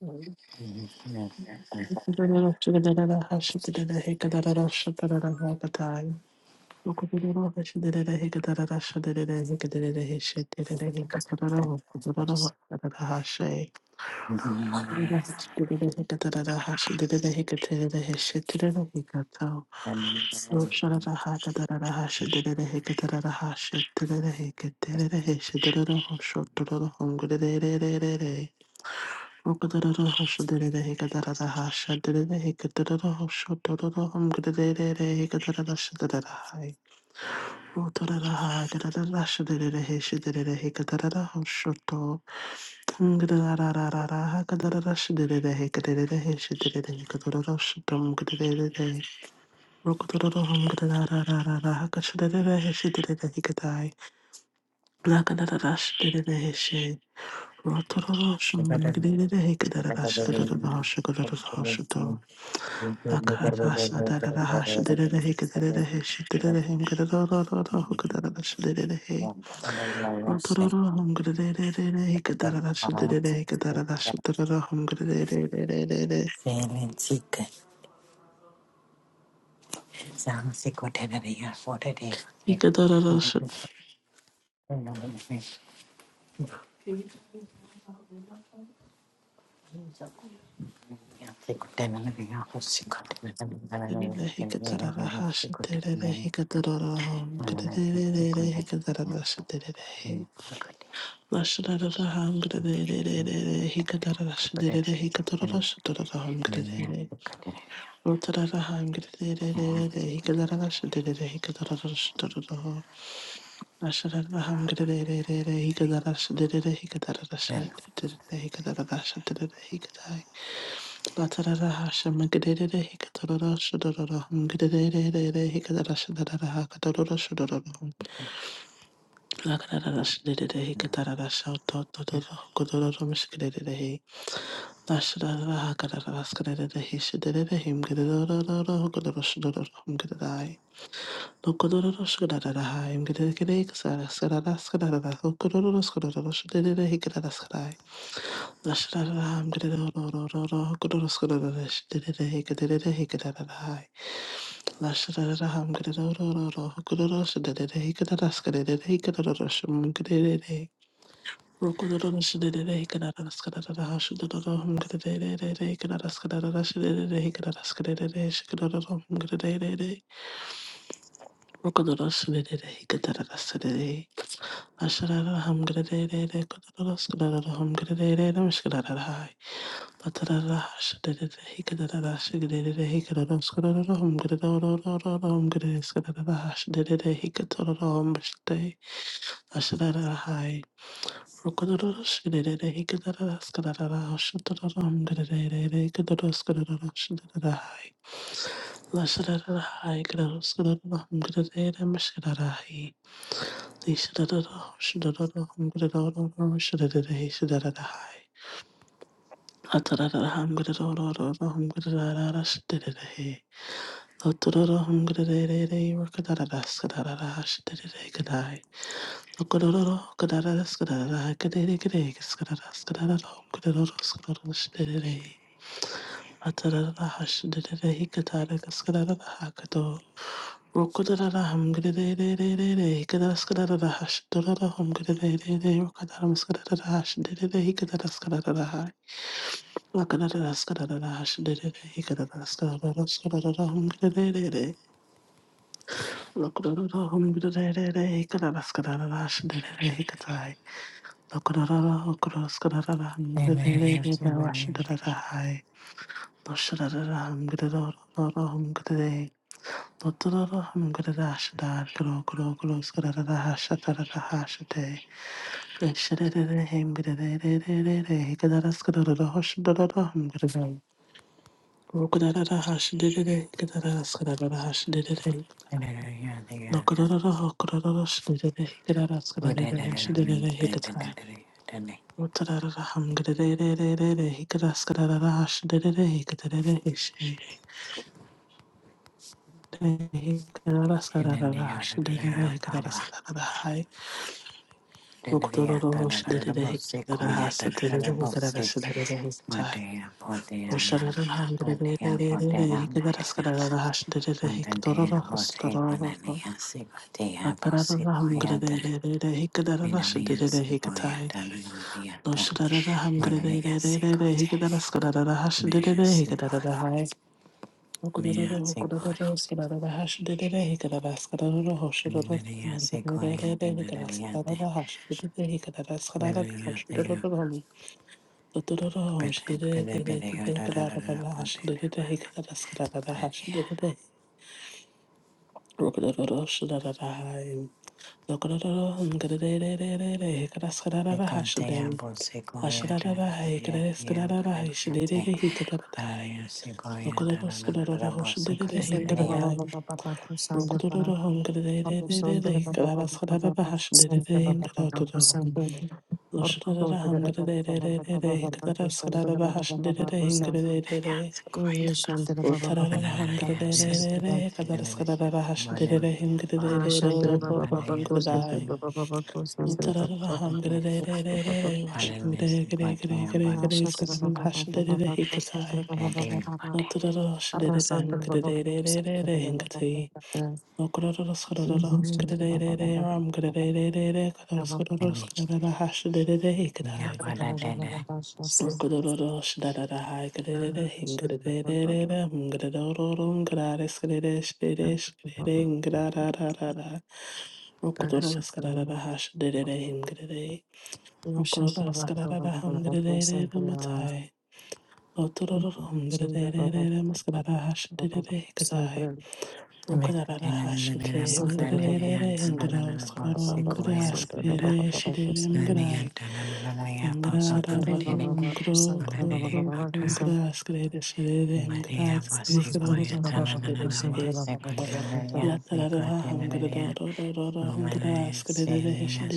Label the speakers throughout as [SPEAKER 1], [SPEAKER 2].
[SPEAKER 1] Hashit, Rotororo shum, gdele de heke dara dash, dara dara dara dash, dara. Hikadarashidere, Otararaha ngirererere hikadararashidere hikadararashidoroho ashararaha ngirererere hikadarashidere hikadararashidere hikadararashidere hikadai latararaha shamagirere hikadararashidoroho ngirererere hikadarashidaraha kadarorashidoroho lakararashidere hikadararashidoroho kodororomishikirere ashararaha kadararashidere hishidere himgirerororo kodoroshidoroho ngirererere Lokodoro shkodara hai. Mgedere kere kasara skadara skadara. Lokodoro skodoro shkodere hikadara skadai. Nashadara hai. Mgedere oro oro oro. Kodoro skodoro shkodere hikadere hikadara hai. Nashadara hai. Mgedere oro oro oro. Kodoro shkodere hikadara skadere hikadara shum. gede Rokodoro shkodere hikadara skadara hai. Shkodoro mgedere hikadara skadara shkodere hikadara skadere shkodoro mgedere. Rokodoro shkodere hikadara skadere. Asharara hamgrerere kodoros grerere hamgrerere mishgrerere hai. Patarara hashgrerere higrerere shgrerere higroros grerere hamgrerere hamgrerere sgrerere hashgrerere higrerere hamgrerere asharara hai. Rokodoros grerere higrerere sgrerere hashgrerere hamgrerere higroros grerere shgrerere hai. Lashrerere hai greros grerere hamgrerere mishgrerere hai. Atarara hash did it, he could attack a scada hakato. Rokodadada hum gidadadadadada, hikadadaskadadada hash, dodada hum gidadadadada, rokadadaskadadada hash, didada hikadadaskadadada hai. Lakadadaskadadada hash, didada hikadadaskadadada, skadadada hum gidadadadada. Rokodadada hum gidadadadada, hikadadaskadadada hash, didada hikadai. Rokodadada, rokodadaskadadada hum gidadadadada, wash, didada hai. Doshadadada hum gidadadadada, hum gidadadadada. Dottorara hamgradashadar gro gro gros gradahashatarahashate. Eshadere hemgradere hikadaraskadarahoshadara hamgradam. Rokadahashadere hikadaraskadarahoshadere. Lokarara hokradashadere hikadaraskadarahoshadere hikatai. Rotarara hamgradere hikadaskadarahoshadere hikadere hishe. Hikadaraskadarahoshadere hikadaraskadarahoshadere. Ukururu shidere hikara hasa tere hikara shidere hikata. Usharara hamdere hikara skarara hashidere hikadoro hostaroro. Atarara hamdere hikara shidere hikata. Usharara hamdere hikara skarara hashidere Hikadara hai. Ukururu ukururu skarara hashidere hikara skarara hoshidoro. Hikadere hikara skarara hashidere hikadara skarara hoshidoro. Dudururu, shidididididi, kadadababa, shidididi, kadadaskadadaba, shidididi. Rukadururu, shidadadahai. Rukadururu, kadadididididi, kadaskadadaba, shidim. Ashadadabahai, kadaskadadahai, shidididi, kadadadahai. Rukadururu, shidadururu, shidididi,
[SPEAKER 2] Sandra Baba
[SPEAKER 1] kadadahai.
[SPEAKER 2] Baba Baba Sandra Baba
[SPEAKER 1] Rukadururu,
[SPEAKER 2] Baba Sandra
[SPEAKER 1] kadadididididi,
[SPEAKER 2] Baba Baba
[SPEAKER 1] kadadaskadadaba,
[SPEAKER 2] Baba Sandra
[SPEAKER 1] shidididi,
[SPEAKER 2] Baba Baba Sandra
[SPEAKER 1] kadadadahai.
[SPEAKER 2] or
[SPEAKER 1] Loshadadaham
[SPEAKER 2] Sandra Baba Baba Baba
[SPEAKER 1] gadadadadadada,
[SPEAKER 2] Baba Sandra Baba
[SPEAKER 1] hikadadaskadadabahash
[SPEAKER 2] Baba
[SPEAKER 1] dadada
[SPEAKER 2] Baba Sandra
[SPEAKER 1] hingadadadada.
[SPEAKER 2] Baba Baba
[SPEAKER 1] Hashdarai.
[SPEAKER 2] Baba Sandra Baba Ah Sandra Baba Baba Sandra Baba Baba Sandra Baba Baba Ah Sandra Baba Baba Baba Sandra Baba Baba Baba Arra Sandra Baba Baba Sandra Baba Baba Sandra Baba Baba Sandra,
[SPEAKER 1] Rokodoro shadada hai kadada hingadada hungadoro ngadares kadesh dedesh kadengradadada Rokodoro skadada hash dedede hingadade Rokodoro skadada hungadade matai Rokodara Rakadada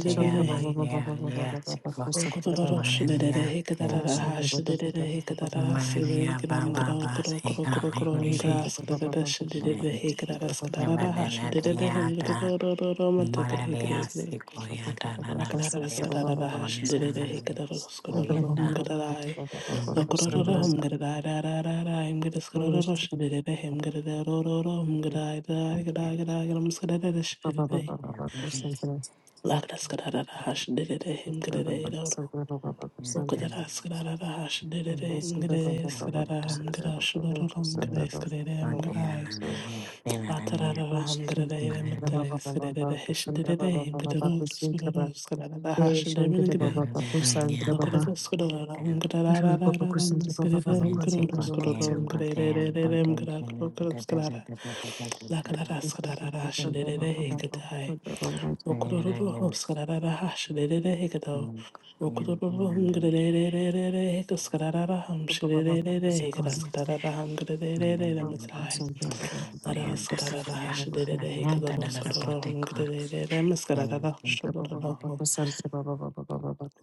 [SPEAKER 2] Shantra Baba Baba Baba Baba Baba Kusatra Baba Shantra Baba Baba Baba Baba Shantra Baba Baba Baba Shantra Baba Baba Baba Kusatra Baba
[SPEAKER 1] skadada
[SPEAKER 2] Baba Shantra
[SPEAKER 1] hash did it, he could
[SPEAKER 2] Baba
[SPEAKER 1] skadada hum
[SPEAKER 2] Baba Baba
[SPEAKER 1] gadai.
[SPEAKER 2] Baba Kusatra Baba Baba Baba Kusatra Shantra Baba Baba Kusatra Shantra Baba
[SPEAKER 1] Lokororo
[SPEAKER 2] Baba Kusatra
[SPEAKER 1] humgada himgada shidida himgada rororo humgada gada da da gada gada muskada
[SPEAKER 2] Baba
[SPEAKER 1] shidida
[SPEAKER 2] Baba
[SPEAKER 1] lakda skada hashidida himgada roro rokada skada hashidida himgada skada humgada shidoro humgada skada
[SPEAKER 2] Kusatra Baba
[SPEAKER 1] humgada
[SPEAKER 2] Baba
[SPEAKER 1] latada humgada
[SPEAKER 2] Baba
[SPEAKER 1] himgada skada hishidida himgada skada ro skada hashidida Hum,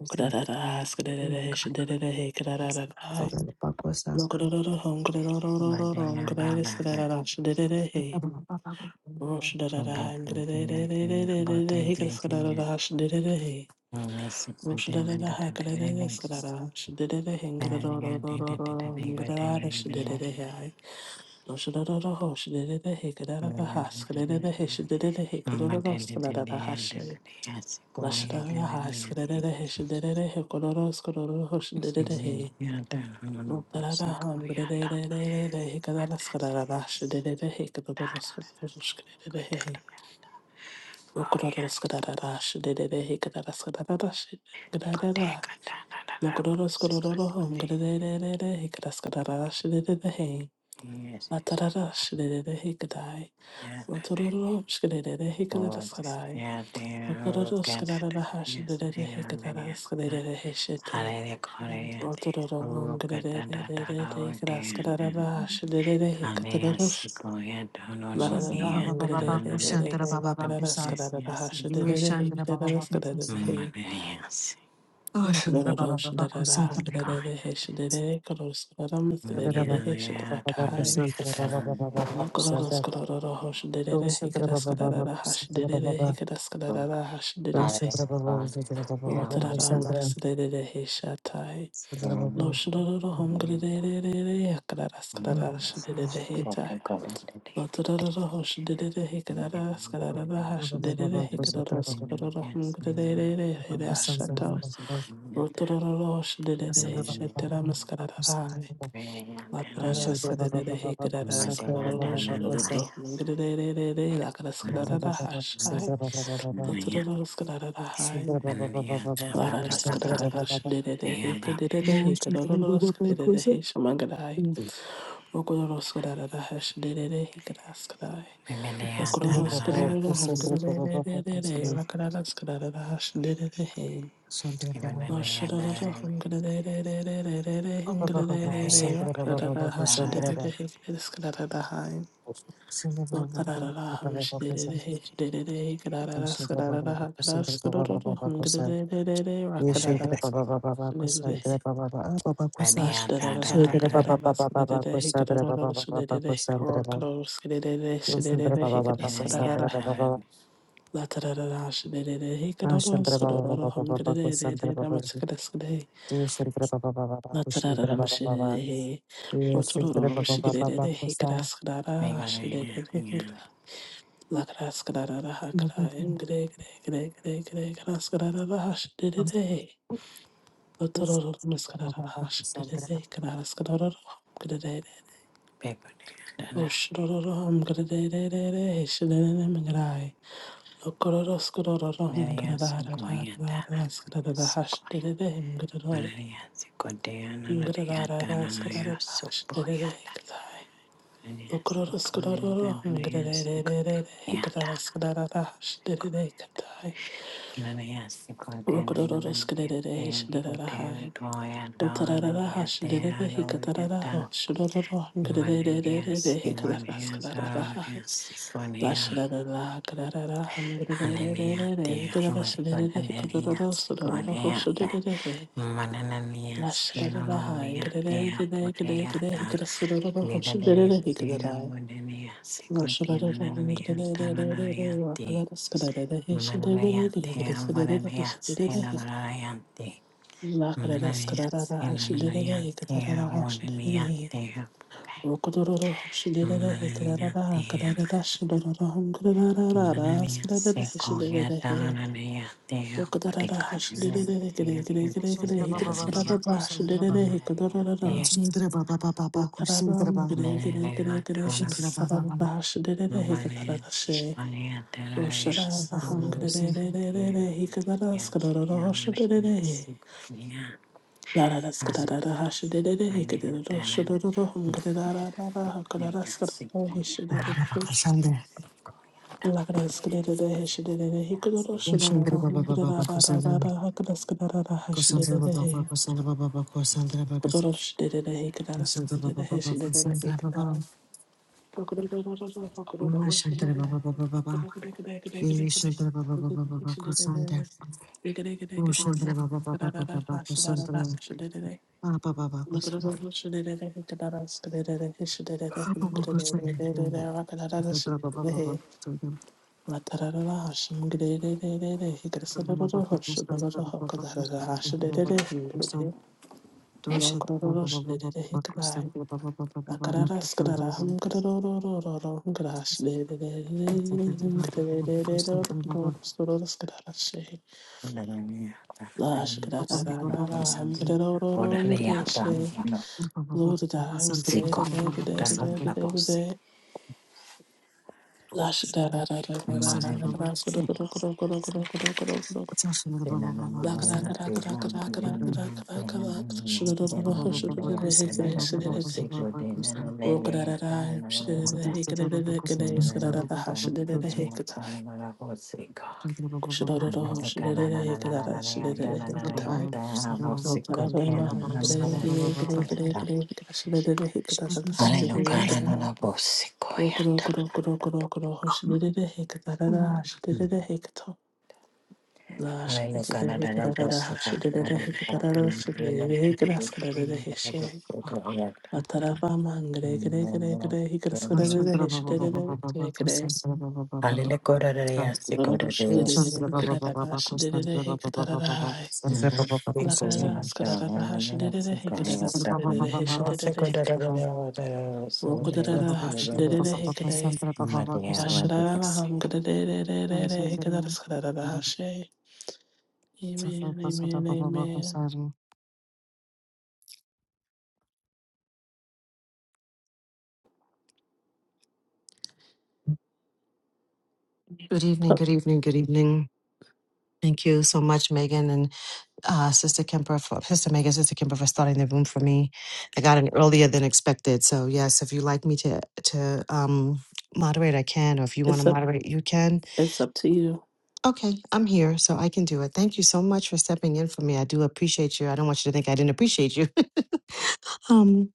[SPEAKER 1] Roshadada Lashadaraha, Skadadahe, Shadadahe, Kodoro, Skodoro, Hoshadadahe, Rotaraha, Bredadahe, Kadala, Skadada, Shadadahe, Kadoro, Skodoro, Skadadahe, Rokodoro, Skadada, Shadadahe, Kadala, Skadada, Shadadahe, Lokodoro, Skodoro, Hom, Gadadahe, Kadaskadada, Shadadahe, Latarada, Shadadahe, Kadai, Rotoro, Skadadahe, Kadala, Skadai, Rotoro, Skadada, Shadadahe, Kadala, Skadadahe, Shete, Rotarara mas
[SPEAKER 2] Shandra Baba Baba Baku Shandra Baba Baku Sa Ye Shandra Baba Baba Kusa Oh Shandra Baba Baba Kusanta Baba Kusa. Shandra Baba Baba Baba Kusanta Baba Baba Baba Kusanta Do Shandra Baba Baba Kusanta Baba Baba Ra Shandra Baba Shandra Baba Baba Kusanta
[SPEAKER 1] de de de he shatai.
[SPEAKER 2] Shandra
[SPEAKER 1] Lo
[SPEAKER 2] Baba
[SPEAKER 1] shadadada hum gadadadadada yakadada skadada
[SPEAKER 2] Hmm.
[SPEAKER 1] shadadada
[SPEAKER 2] Shandra
[SPEAKER 1] heta. Lo tadadada ho shadadada hekadada skadadada ha
[SPEAKER 2] Baba
[SPEAKER 1] shadadada
[SPEAKER 2] Baba Kusanta
[SPEAKER 1] hekadada
[SPEAKER 2] Baba
[SPEAKER 1] skadadada hum gadadadada
[SPEAKER 2] Baba
[SPEAKER 1] heda
[SPEAKER 2] Kusanta Baba
[SPEAKER 1] shato.
[SPEAKER 2] Baba
[SPEAKER 1] Lo tadadada ho shadadada he
[SPEAKER 2] Kusanta Baba
[SPEAKER 1] shatara
[SPEAKER 2] Baba
[SPEAKER 1] maskadada
[SPEAKER 2] Kusanta
[SPEAKER 1] hai.
[SPEAKER 2] Baba Baba.
[SPEAKER 1] La tadada skadadada
[SPEAKER 2] Sandra
[SPEAKER 1] hekadada skadadada shadadada hum gadadadada lakada skadadada ha shai. Lo tadadada skadadada hai. Shamangadi. Rokoroskodadadahashdididihikidaskadai. Lokoroskodadadahumgadidididididihi. Rakadadaskadadadahashdididihi. Noshidadadahumgadidididididididihi. Rakadadadahashdididihikidaskadadadahai.
[SPEAKER 2] Yeshantara
[SPEAKER 1] Lokadadadahamshdididihishdididihikidadadaskadadadahakadadaskodadadahumgadididididihi.
[SPEAKER 2] Baba Baba Baba Sandra Baba Baba Baba Kusa Shantara Baba Baba Baba Kusandra Baba Baba Baba Kusandra Sandra Baba Baba Kusandra Baba Baba Ashantara Baba Baba Baba Kusandra Baba Yeshantara Baba Baba Baba Kushantara Baba Baba Yeshantara Baba Baba Baba Kusa
[SPEAKER 1] Lakras kadara hakra, ingre, gre, gre, gre, gre, gras kadara hash, de, de, de. Otorororun ıskarara
[SPEAKER 2] Baba Baba
[SPEAKER 1] haşin
[SPEAKER 2] kusandra
[SPEAKER 1] dedeze kadar ıskarararım gredere. Oşrorororun grederere heşinene mingray. Lokororo ıskarararım gredararar ıskarada haşin dedede hem gredor. Ingredararar ıskarada haşin dedede hekatay. Lokororo ıskarararım grederere hekatara ıskarada haşin dedede hekatay. Rokororo ıskararara heşinere hay. Otarara hashiderere hikatarara ho shirororo hangrerererere hikadaraskadarara hai. Lashrarara kararara hangrerererere hikadara hikadororo sorororo ho shirerere he. Lashrarara hai ngrererere gre gre hikara ho shirerere hikadarai. Lashrarara hangrerererere wakadaraskadarere he shirerere gre gre skadere he shirerere hikadara. Lakarara skararara hashiderere hikatarara Rokodororo Shidera Hikarada Karada Shidororo Hungrada Skadada Hishidere Rokodara Hashidere Gre Gre Gre
[SPEAKER 2] Sandra
[SPEAKER 1] Gre
[SPEAKER 2] Baba Baba
[SPEAKER 1] Hikraskarada
[SPEAKER 2] Baba Kusandra Baba
[SPEAKER 1] Hashidere Hikodororo
[SPEAKER 2] Sandra Baba Baba Baba
[SPEAKER 1] Rokaram
[SPEAKER 2] Kusandra
[SPEAKER 1] Gre Gre Gre Gre
[SPEAKER 2] Shantara Baba
[SPEAKER 1] Hiksarada
[SPEAKER 2] Baba
[SPEAKER 1] Hashidere Hikatarada She Roshara
[SPEAKER 2] Baba Baba
[SPEAKER 1] Hungre
[SPEAKER 2] Kusan.
[SPEAKER 1] Hikadara Skadororo Shidere Lara Skadada Hashidere Hikadoro Shidoro Hungrada Hakadara Skadada
[SPEAKER 2] Ah,
[SPEAKER 1] Hishidere
[SPEAKER 2] Baba Kusandra.
[SPEAKER 1] Awesome.
[SPEAKER 2] Om Shantara Baba Baba Baba Kusandra. Kusandra Baba Baba Kusandra Baba Baba Kusandra Baba Kus- Shantara Baba Baba Kusandra Baba. Om Shantara Baba Baba Baba. Eh, Shantara Baba Baba Baba Kusandra. Om Shantara Baba Baba Baba Baba Kusandra. Ah, Baba Baba Kusandra. Ah, Baba Kusandra. Shantara Baba Baba Kusandra.
[SPEAKER 1] La da da da da, shim gede de de de de, he gede sa
[SPEAKER 2] Baba
[SPEAKER 1] da da da,
[SPEAKER 2] Baba
[SPEAKER 1] hop shim da da da,
[SPEAKER 2] Kusandra.
[SPEAKER 1] hop
[SPEAKER 2] Baba
[SPEAKER 1] gede da da da, ha shi
[SPEAKER 2] Kusandra.
[SPEAKER 1] de de
[SPEAKER 2] Baba
[SPEAKER 1] de, him gede
[SPEAKER 2] Kusandra.
[SPEAKER 1] de,
[SPEAKER 2] Thank
[SPEAKER 1] lo
[SPEAKER 2] you.
[SPEAKER 1] gede da da, shi de de de, he gede hai, la gede da, s gede da, hum gede da da da da da, hum gede ha shi de de de de de de, him gede de de de da da da da, s da da da, s gede da shi, la shi gede da da da da, hum gede da da da, hum gede shi, lo da da, him s gede de de de de de de de de de de, la shi da da da da da da da, gede da s gede da da da da da da da da Rock,
[SPEAKER 2] Good
[SPEAKER 1] Lash kadada hikadada hashadada hikadada shadada hikadaskadada hishe. Matarava mangre gre gre gre hikaskadada hishadada gre gre. Lorosh didada hikadada shadada hikadada hai. Lakada skadada hashadada hikadada skadada hishadada hikadada. Rokadada hashadada hikadada. Lashadada hamgadada hikadaskadada hashe. Amen, amen, amen.
[SPEAKER 2] evening,
[SPEAKER 1] Up-
[SPEAKER 2] good evening, good evening. Thank you so much, Megan and uh, Sister Kemper, for, Sister Megan, Sister Kemper for starting the room for me. I got in earlier than expected. So yes, if you like me to to um, moderate, I can. Or if you want to
[SPEAKER 1] It's up,
[SPEAKER 2] moderate, you can.
[SPEAKER 1] it's up to you.
[SPEAKER 2] Okay, I'm here, so I can do it. Thank you so much for stepping in for me. I do appreciate you. I don't want you to think I didn't appreciate you. um,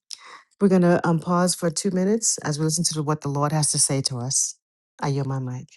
[SPEAKER 2] we're gonna um, pause for two minutes as we listen to what the Lord has to say to us. I yield my mic.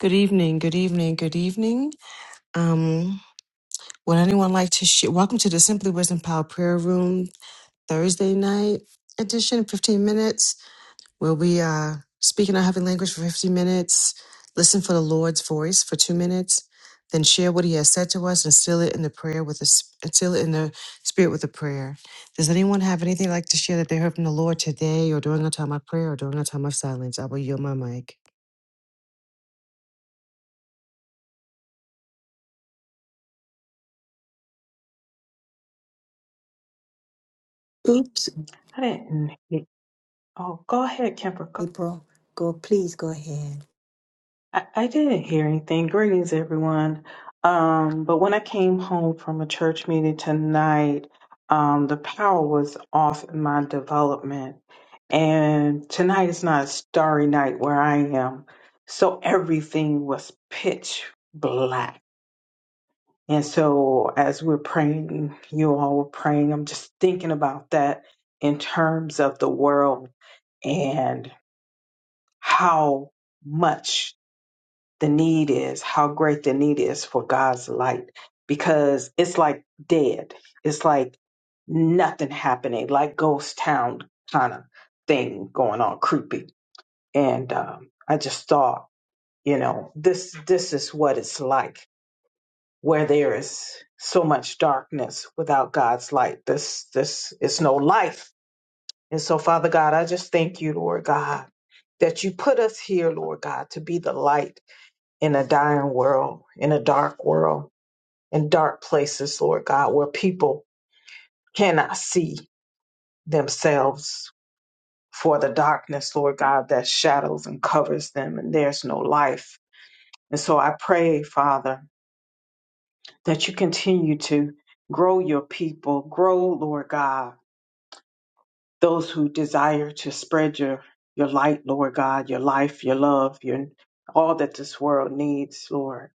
[SPEAKER 2] Good evening. Good evening. Good evening. Um, would anyone like to share? Welcome to the Simply Wisdom Power Prayer Room. Thursday night edition, 15 minutes. We'll be uh, speaking our heavenly language for 15 minutes, listen for the Lord's voice for two minutes, then share what he has said to us and seal it in the prayer with the, s- and seal it in the spirit with a prayer. Does anyone have anything like to share that they heard from the Lord today or during a time of prayer or during a time of silence? I will yield my mic.
[SPEAKER 3] I didn't. he- Oh, go ahead, Kemper. Go- I, I didn't hear anything. Greetings, everyone. Um, but when I came home from a church meeting tonight, um, the power was off in my development. And tonight is not a starry night where I am. So everything was pitch black. And so as we're praying, you all were praying, I'm just thinking about that in terms of the world how much the need is, how great the need is for God's light, because it's like dead. It's like nothing happening, like ghost town kind of thing going on, creepy. And um, I just thought, you know, this this is what it's like where there is so much darkness without God's light. This this is no life. And so, Father God, I just thank you, Lord God, that you put us here, Lord God, to be the light in a dying world, in a dark world, in dark places, Lord God, where people cannot see themselves for the darkness, Lord God, that shadows and covers them, and there's no life. And so I pray, Father, that you continue to grow your people, grow, Lord God, those who desire to spread your your light, Lord God, your life, your love, your all that this world needs, Lord,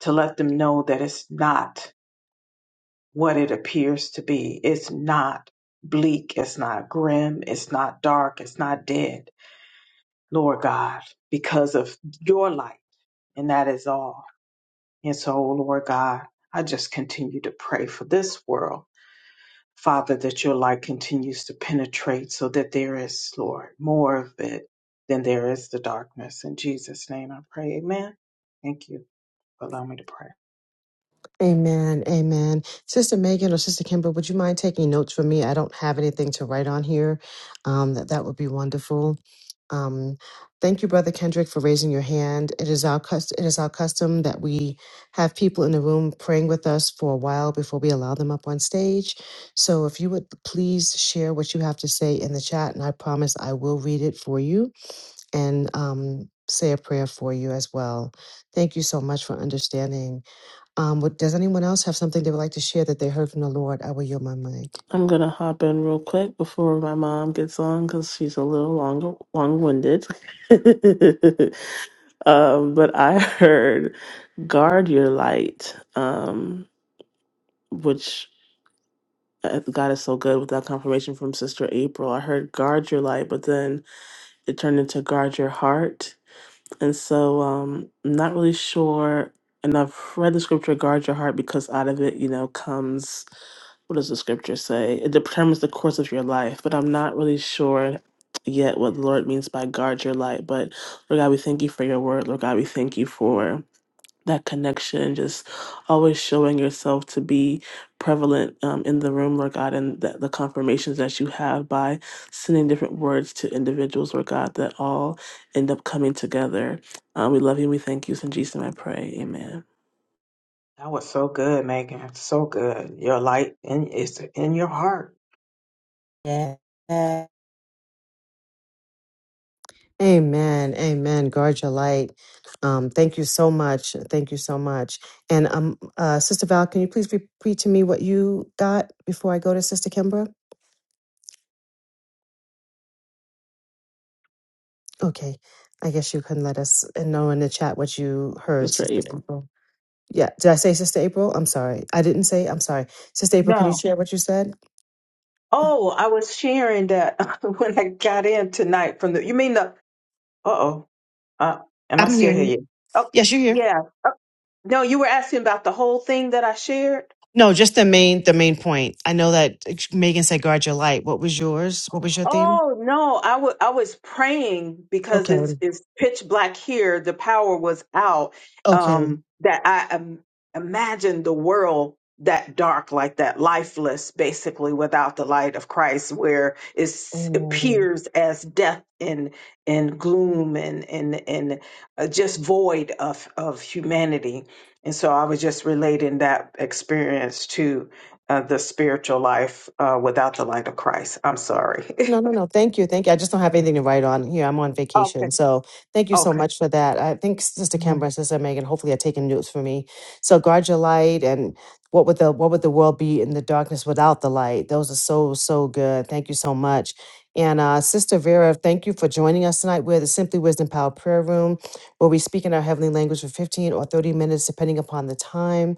[SPEAKER 3] to let them know that it's not what it appears to be. It's not bleak, it's not grim, it's not dark, it's not dead, Lord God, because of your light, and that is all. And so, oh, Lord God, I just continue to pray for this world. Father, that your light continues to penetrate so that there is, Lord, more of it than there is the darkness. In Jesus' name I pray. Amen. Thank you for allowing me to pray.
[SPEAKER 2] Amen. Amen. Sister Megan or Sister Kimber, would you mind taking notes for me? I don't have anything to write on here. Um, that, that would be wonderful. Um, thank you, Brother Kendrick, for raising your hand. It is our cust- it is our custom that we have people in the room praying with us for a while before we allow them up on stage. So if you would please share what you have to say in the chat, and I promise I will read it for you and um, say a prayer for you as well. Thank you so much for understanding. Um, would- does anyone else have something they would like to share that they heard from the Lord? I will yield my mic.
[SPEAKER 1] I'm gonna hop in real quick before my mom gets on because she's a little long long winded. um, but I heard guard your light, um, which uh, God is so good with that confirmation from Sister April. I heard guard your light, but then it turned into guard your heart And so um, I'm not really sure. And I've read the scripture, guard your heart, because out of it, you know, comes what does the scripture say? It determines the course of your life. But I'm not really sure yet what the Lord means by guard your light. But Lord God, we thank you for your word. Lord God, we thank you for that connection, just always showing yourself to be prevalent um, in the room, Lord God, and that the confirmations that you have by sending different words to individuals, Lord God, that all end up coming together. Uh, we love you. and We thank you. It's In Jesus' name I pray. Amen.
[SPEAKER 3] That was so good, Megan. So good. Your light in, is in your heart
[SPEAKER 2] Amen. Amen. Guard your light. Um, thank you so much. Thank you so much. And um, uh, Sister Val, can you please repeat to me what you got before I go to Sister Kimbra? Okay. I guess you can let us know in the chat what you heard,
[SPEAKER 1] Sister
[SPEAKER 2] Sister
[SPEAKER 1] April.
[SPEAKER 2] April. Yeah. Did I say Sister April? I'm sorry. I didn't say. I'm sorry. Sister April, can you
[SPEAKER 3] No.
[SPEAKER 2] share what you said?
[SPEAKER 3] Oh, I was sharing that when I got in tonight from the. You mean the? Uh oh. Uh, am I
[SPEAKER 2] I'm
[SPEAKER 3] still
[SPEAKER 2] hearing.
[SPEAKER 3] here
[SPEAKER 2] you.
[SPEAKER 3] yet? Oh,
[SPEAKER 2] Yes, you're here.
[SPEAKER 3] yeah. Oh, no, you were asking about the whole thing that I shared.
[SPEAKER 2] No, just the main the main point. I know that like, Megan said guard your light. What was yours? What was your theme?
[SPEAKER 3] Oh no, I wa- I was praying because
[SPEAKER 2] Okay.
[SPEAKER 3] it's it's pitch black here. The power was out.
[SPEAKER 2] Okay.
[SPEAKER 3] Um, that I um, imagined the world that dark, like that, lifeless, basically without the light of Christ, where it
[SPEAKER 2] Amen.
[SPEAKER 3] appears as death and and gloom and and and uh, just void of of humanity. And so I was just relating that experience to uh, the spiritual life uh, without the light of Christ. I'm sorry.
[SPEAKER 2] No, no, no. Thank you. Thank you. I just don't have anything to write on here. I'm on
[SPEAKER 3] Okay.
[SPEAKER 2] vacation. So thank you so
[SPEAKER 3] Okay.
[SPEAKER 2] much for that. I think Sister
[SPEAKER 3] Mhm.
[SPEAKER 2] Kimbra, Sister Megan, hopefully are taking notes for me. So guard your light and what would the what would the world be in the darkness without the light? Those are so, so good. Thank you so much. And uh, Sister Vera, thank you for joining us tonight. We're the Simply Wisdom Power Prayer Room, where we speak in our heavenly language for 15 or 30 minutes, depending upon the time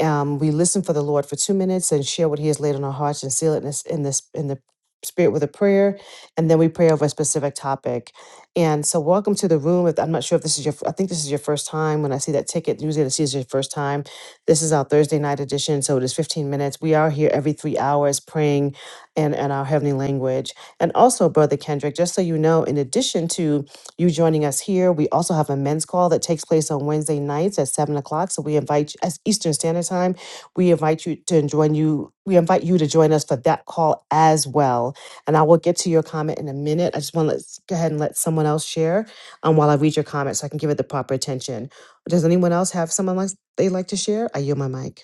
[SPEAKER 2] um, we listen for the Lord for two minutes and share what He has laid on our hearts and seal it in this in this in the spirit with a prayer, and then we pray over a specific topic. And so, welcome to the room. If I'm not sure if this is your, I think this is your first time. When I see that ticket, usually this is your first time. This is our Thursday night edition, so it is 15 minutes. We are here every three hours praying, in in our heavenly language. And also, Brother Kendrick, just so you know, in addition to you joining us here. We also have a men's call that takes place on Wednesday nights at seven o'clock. So we invite you as Eastern Standard Time. We invite you to join you. We invite you to join us for that call as well. And I will get to your comment in a minute. I just want to let's go ahead and let someone else share um, while I read your comment so I can give it the proper attention. Does anyone else have someone else they'd like to share? I yield my mic.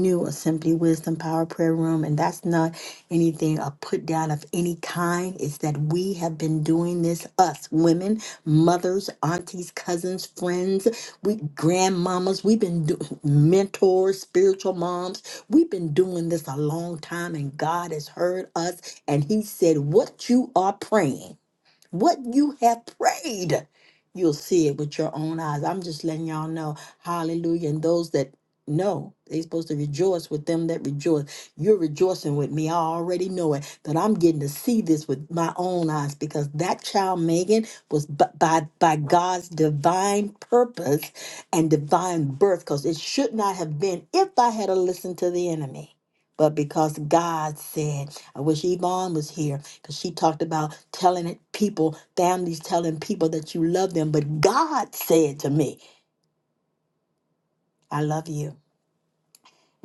[SPEAKER 4] knew a Simply Wisdom Power Prayer Room not anything a put down of any kind. It's that we have been doing this, us women, mothers, aunties, cousins, friends, we grandmamas, we've been do- mentors, spiritual moms. We've been doing this a long time, and God has heard us, and He said, "What you are praying." What you have prayed, you'll see it with your own eyes. I'm just letting y'all know. Hallelujah. And those that know, they're supposed to rejoice with them that rejoice. You're rejoicing with me. I already know it, that I'm getting to see this with my own eyes because that child, Megan, was b- by, by God's divine purpose and divine birth because it should not have been if I had listened to the enemy. But because God said, I wish Yvonne was here because she talked about telling it people, families telling people that you love them. But God said to me, I love you.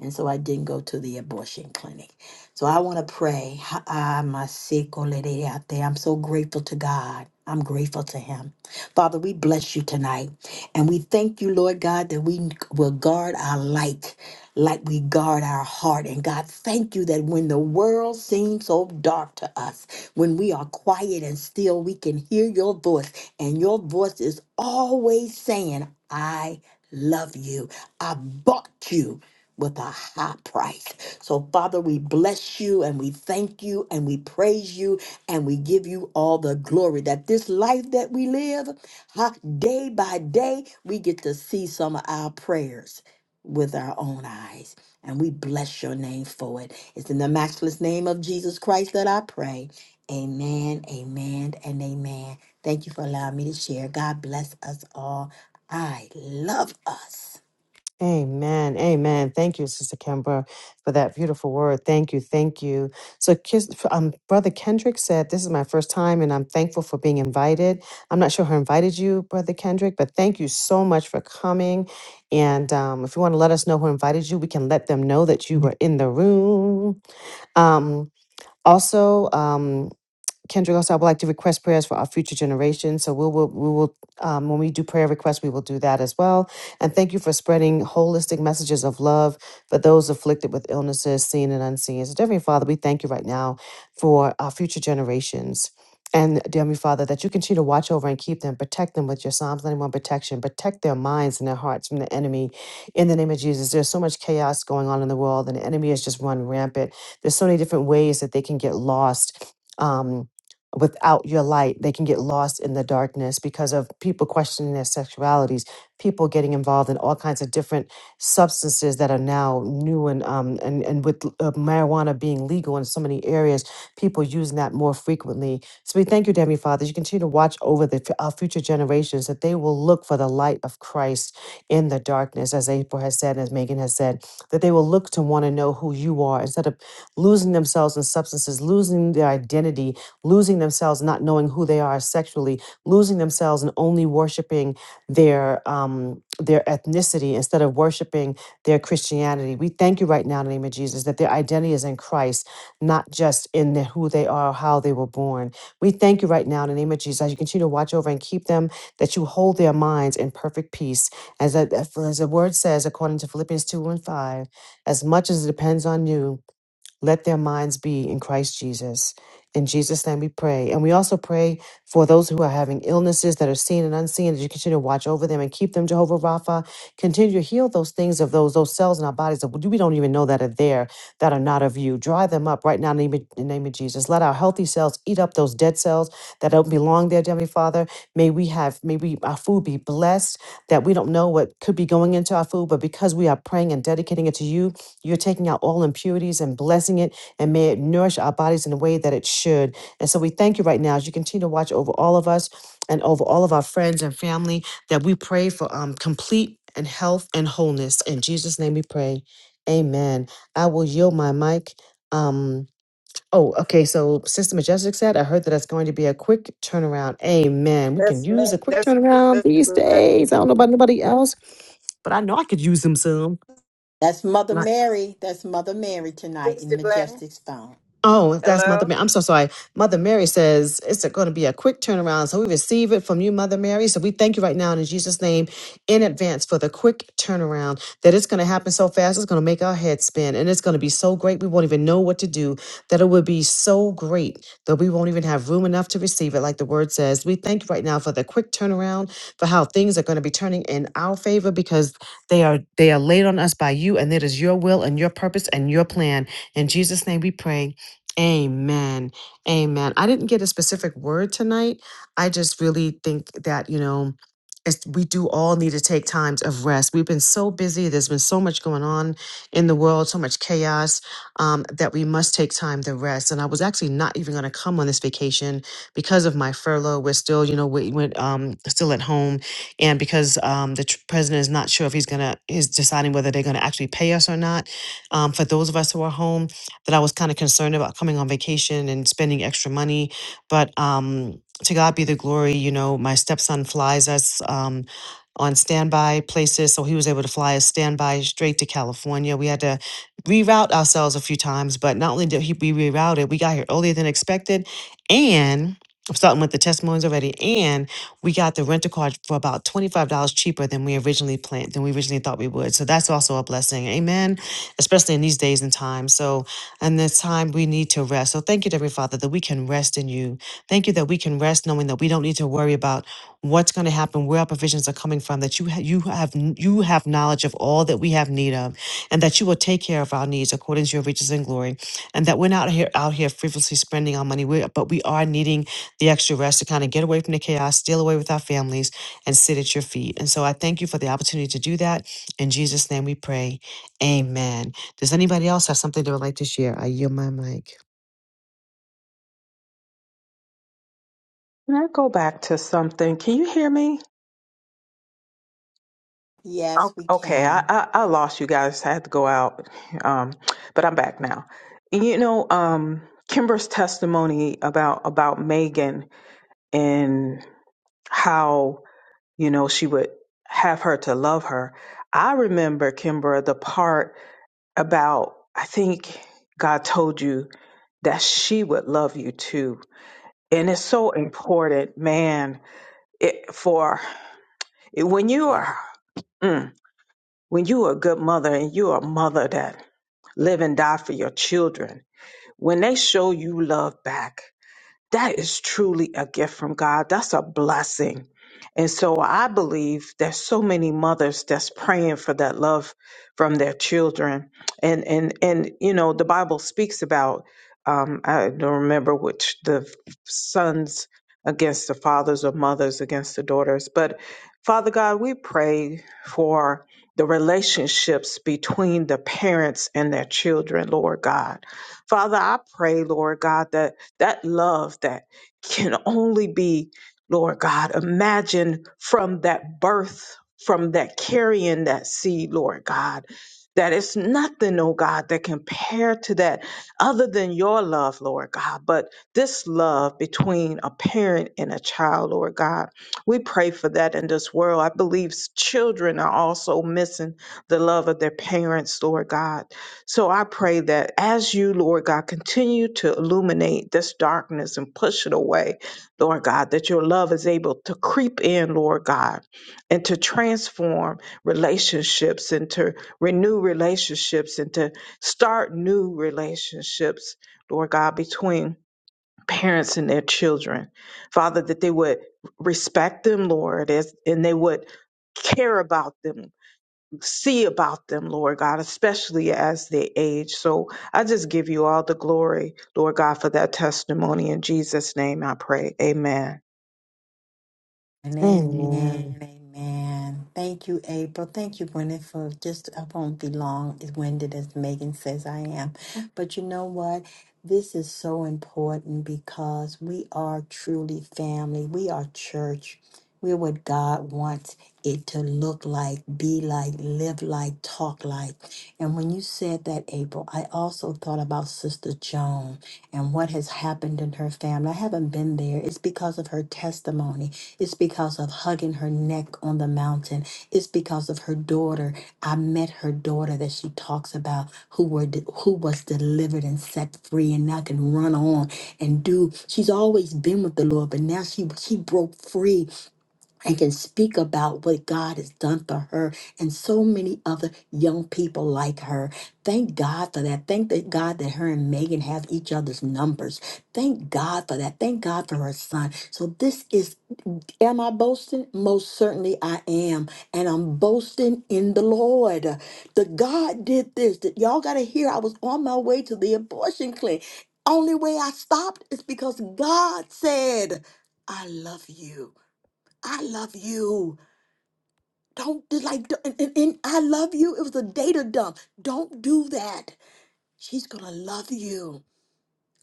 [SPEAKER 4] And so I didn't go to the abortion clinic. So I want to pray. Ha- ah, my sick old lady out there. I'm so grateful to God. I'm grateful to Him. Father, we bless you tonight. And we thank you, Lord God, that we will guard our light like we guard our heart. And God, thank you that when the world seems so dark to us, when we are quiet and still, we can hear your voice. And your voice is always saying, I love you. I bought you with a high price. So, Father, we bless you and we thank you and we praise you and we give you all the glory that this life that we live, huh, day by day, we get to see some of our prayers with our own eyes. And we bless your name for it. It's in the matchless name of Jesus Christ that I pray. Amen, amen, and amen. Thank you for allowing me to share. God bless us all. I love.
[SPEAKER 2] Amen. Amen. Thank you, Sister Kimbra, for that beautiful word. Thank you. Thank you. So, Kis- um, Brother Kendrick said, This is my first time and I'm thankful for being invited. I'm not sure who invited you, Brother Kendrick, but thank you so much for coming. And um, if you want to let us know who invited you, we can let them know that you were in the room. Um, also, um, Kendra also, I would like to request prayers for our future generations. So we will, we will, um, when we do prayer requests, we will do that as well. And thank you for spreading holistic messages of love for those afflicted with illnesses, seen and unseen. So, dear Heavenly Father, we thank you right now for our future generations. And dear Heavenly Father, that you continue to watch over and keep them, protect them with your Psalms 91 protection, protect their minds and their hearts from the enemy. In the name of Jesus, there's so much chaos going on in the world, and the enemy has just run rampant. There's so many different ways that they can get lost. Um, without your light they can get lost in the darkness because of people questioning their sexualities people getting involved in all kinds of different substances that are now new and um and, and with uh, marijuana being legal in so many areas people using that more frequently so we thank you Heavenly Father as you continue to watch over the f- our future generations that they will look for the light of Christ in the darkness as April has said as Megan has said that they will look to want to know who you are instead of losing themselves in substances losing their identity losing themselves, not knowing who they are sexually, losing themselves and only worshiping their um, their ethnicity instead of worshiping their Christianity. We thank you right now in the name of Jesus that their identity is in Christ, not just in the, who they are, how they were born. We thank you right now in the name of Jesus. As you continue to watch over and keep them, that you hold their minds in perfect peace. As, the- as the word says, according to Philippians 2 and 5, as much as it depends on you, let their minds be in Christ Jesus. In Jesus' name we pray. And we also pray for those who are having illnesses that are seen and unseen, that you continue to watch over them and keep them, Jehovah Rapha. Continue to heal those things of those, those cells in our bodies that we don't even know that are there, that are not of you. Dry them up right now in the name of in the name of Jesus. Let our healthy cells eat up those dead cells that don't belong there, Heavenly Father. May we have, may we, our food be blessed, that we don't know what could be going into our food, but because we are praying and dedicating it to you, you're taking out all impurities and blessing it, and may it nourish our bodies in the way that it should. And so we thank you right now as you continue to watch over all of us and over all of our friends and family that we pray for um, complete and health and wholeness. In Jesus' name we pray. Amen. I will yield my mic. Um, oh, okay. So Sister Majestic said, I heard that it's going to be a quick turnaround. Amen. We can
[SPEAKER 5] That's me.
[SPEAKER 2] use a quick
[SPEAKER 5] That's me,
[SPEAKER 2] turnaround
[SPEAKER 5] Sister
[SPEAKER 2] these
[SPEAKER 5] Glenn.
[SPEAKER 2] days. I don't know about nobody else, but I know I could use them some.
[SPEAKER 4] That's Mother
[SPEAKER 2] Like,
[SPEAKER 4] Mary. That's Mother Mary tonight in
[SPEAKER 5] Sister Glenn,
[SPEAKER 4] Majestic Stone.
[SPEAKER 2] Oh, that's Mother
[SPEAKER 5] hello.
[SPEAKER 2] Mary. I'm so sorry. Mother Mary says it's going to be a quick turnaround. So we receive it from you, Mother Mary. So we thank you right now in Jesus' name in advance for the quick turnaround that it's going to happen so fast. It's going to make our heads spin and it's going to be so great. We won't even know what to do, that it will be so great that we won't even have room enough to receive it. Like the word says, we thank you right now for the quick turnaround, for how things are going to be turning in our favor because they are, they are laid on us by you and it is your will and your purpose and your plan. In Jesus' name we pray. Amen. Amen. I didn't get a specific word tonight. I just really think that, you know, it's, we do all need to take times of rest. We've been so busy. There's been so much going on in the world, so much chaos um, that we must take time to rest. And I was actually not even going to come on this vacation because of my furlough. We're still, you know, we went um, still at home, and because um, the tr- president is not sure if he's going to he's deciding whether they're going to actually pay us or not. Um, for those of us who are home, that I was kind of concerned about coming on vacation and spending extra money. But um, to God be the glory, you know, my stepson flies us um, on standby places. So he was able to fly us standby straight to California. We had to reroute ourselves a few times, but not only did he be rerouted, we got here earlier than expected. And I'm starting with the testimonies already. And we got the rental car for about $25 cheaper than we originally planned, than we originally thought we would. So that's also a blessing. Amen. Especially in these days and times. So and this time we need to rest. So thank you, dear Heavenly Father, that we can rest in you. Thank you that we can rest knowing that we don't need to worry about what's going to happen, where our provisions are coming from, that you, ha- you, have, you have knowledge of all that we have need of, and that you will take care of our needs according to your riches and glory, and that we're not here out here frivolously spending our money, we but we are needing the extra rest to kind of get away from the chaos, steal away with our families, and sit at your feet. And so I thank you for the opportunity to do that. In Jesus' name we pray. Amen. Does anybody else have something they would like to share? I yield my mic.
[SPEAKER 3] Can I go back to something? Can you hear me?
[SPEAKER 4] Yes,
[SPEAKER 3] O-
[SPEAKER 4] we
[SPEAKER 3] Okay, I,
[SPEAKER 4] can.
[SPEAKER 3] I, I lost you guys. I had to go out, um, but I'm back now. You know, um, Kimber's testimony about about Megan and how you know she would have her to love her. I remember Kimber the part about I think God told you that she would love you too, and it's so important, man, it, for It- When you are, mm, when you are a good mother and you are a mother that live and die for your children, when they show you love back, that is truly a gift from God. That's a blessing. And so I believe there's so many mothers that's praying for that love from their children. And and and you know, the Bible speaks about um I don't remember which the sons against the fathers or mothers against the daughters, but Father God, we pray for the relationships between the parents and their children, Lord God. Father, I pray, Lord God, that that love that can only be, Lord God, imagine from that birth, from that carrying that seed, Lord God, that it's nothing, oh God, that compare to that other than your love, Lord God. But this love between a parent and a child, Lord God, we pray for that in this world. I believe s- children are also missing the love of their parents, Lord God. So I pray that as you, Lord God, continue to illuminate this darkness and push it away, Lord God, that your love is able to creep in, Lord God, and to transform relationships and to renew relationships and to start new relationships, Lord God, between parents and their children. Father, that they would respect them, Lord, as, and they would care about them see about them, Lord God, especially as they age. So I just give you all the glory, Lord God, for that testimony. In Jesus' name I pray. Amen.
[SPEAKER 4] And amen,
[SPEAKER 2] Amen.
[SPEAKER 4] amen. Thank you, April. Thank you, Gwyneth, for just, I won't be long as winded as Megan says I am. But you know what? This is so important because we are truly family. We are church. We're what God wants it to look like, be like, live like, talk like. And when you said that, April, I also thought about Sister Joan and what has happened in her family. I haven't been there. It's because of her testimony it's because of hugging her neck on the mountain. It's because of her daughter. I met her daughter that she talks about who were who was delivered and set free and now can run on and do. She's always been with the Lord, but now she she broke free and can speak about what God has done for her and so many other young people like her. Thank God for that. Thank that God that her and Megan have each other's numbers. Thank God for that. Thank God for her son. So this is am I boasting? Most certainly I am. And I'm boasting in the Lord. The God did this. That y'all gotta hear I was on my way to the abortion clinic. Only way I stopped is because God said, I love you. I love you. Don't do- like, d- and, and, and I love you. It was a data dump. Don't do that. She's gonna love you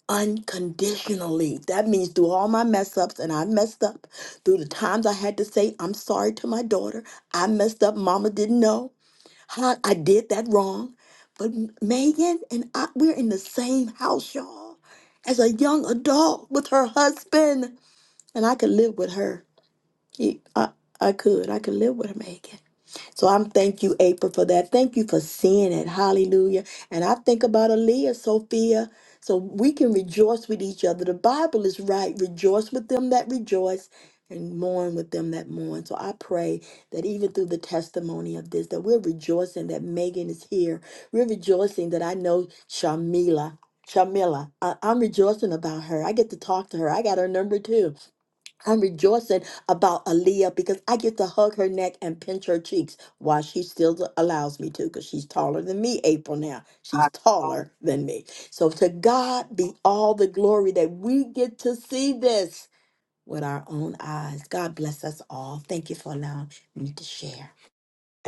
[SPEAKER 4] unconditionally. That means through all my mess ups, and I messed up through the times I had to say, I'm sorry to my daughter. I messed up. Mama didn't know. Huh, I did that wrong. But M- Megan and I, we're in the same house, y'all, as a young adult with her husband. And I could live with her. He- I, I could. I could live with Megan. So I'm thank you, April, for that. Thank you for seeing it. Hallelujah. And I think about Aaliyah, Sophia. So we can rejoice with each other. The Bible is right. Rejoice with them that rejoice and mourn with them that mourn. So I pray that even through the testimony of this, that we're rejoicing that Megan is here. We're rejoicing that I know Shamila. Shamila, I, I'm rejoicing about her. I get to talk to her. I got her number too. I'm rejoicing about Aaliyah because I get to hug her neck and pinch her cheeks while she still allows me to because she's taller than me, April. Now she's taller than me. So to God be all the glory that we get to see this with our own eyes. God bless us all. Thank you for allowing me to share.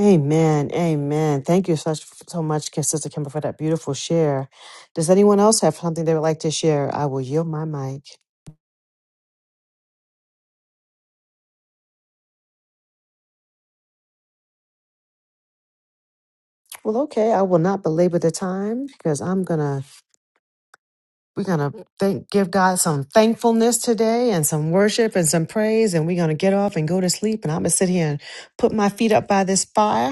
[SPEAKER 2] Amen. Amen. Thank you so, so much, Sister Kimber, for that beautiful share. Does anyone else have something they would like to share? I will yield my mic. Well, okay. I will not belabor the time because I'm gonna we're gonna thank give God some thankfulness today and some worship and some praise, and we're gonna get off and go to sleep. And I'm gonna sit here and put my feet up by this fire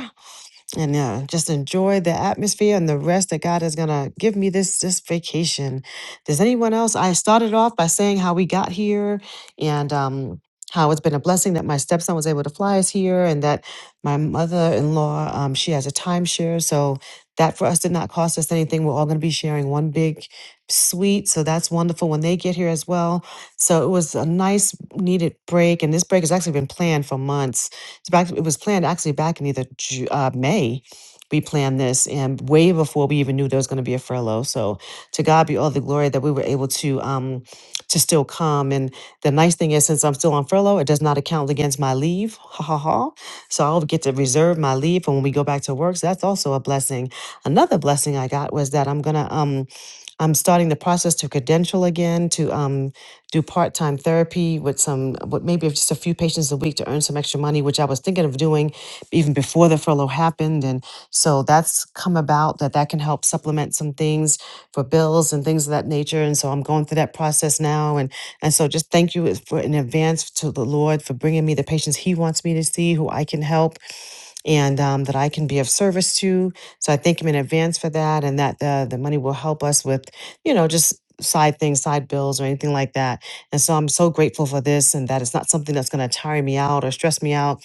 [SPEAKER 2] and uh, just enjoy the atmosphere and the rest that God is gonna give me this this vacation. Does anyone else? I started off by saying how we got here and um, how it's been a blessing that my stepson was able to fly us here, and that my mother-in-law um, she has a timeshare, so that for us did not cost us anything. We're all gonna be sharing one big suite, so that's wonderful when they get here as well. So it was a nice needed break, and this break has actually been planned for months it's back. It was planned actually back in either Ju- uh, May. We planned this, and way before we even knew there was going to be a furlough. So to God be all the glory that we were able to um to still come. And the nice thing is, since I'm still on furlough, it does not account against my leave. Ha ha ha. So I'll get to reserve my leave for when we go back to work. So that's also a blessing. Another blessing I got was that I'm gonna um I'm starting the process to credential again to um do part time therapy with some, with maybe just a few patients a week to earn some extra money, which I was thinking of doing even before the furlough happened. And so that's come about that that can help supplement some things for bills and things of that nature. And so I'm going through that process now. And and so just thank you for in advance to the Lord for bringing me the patients He wants me to see, who I can help and um, that I can be of service to. So I thank him in advance for that, and that the the money will help us with, you know, just side things, side bills, or anything like that. And so I'm so grateful for this, and that it's not something that's going to tire me out or stress me out,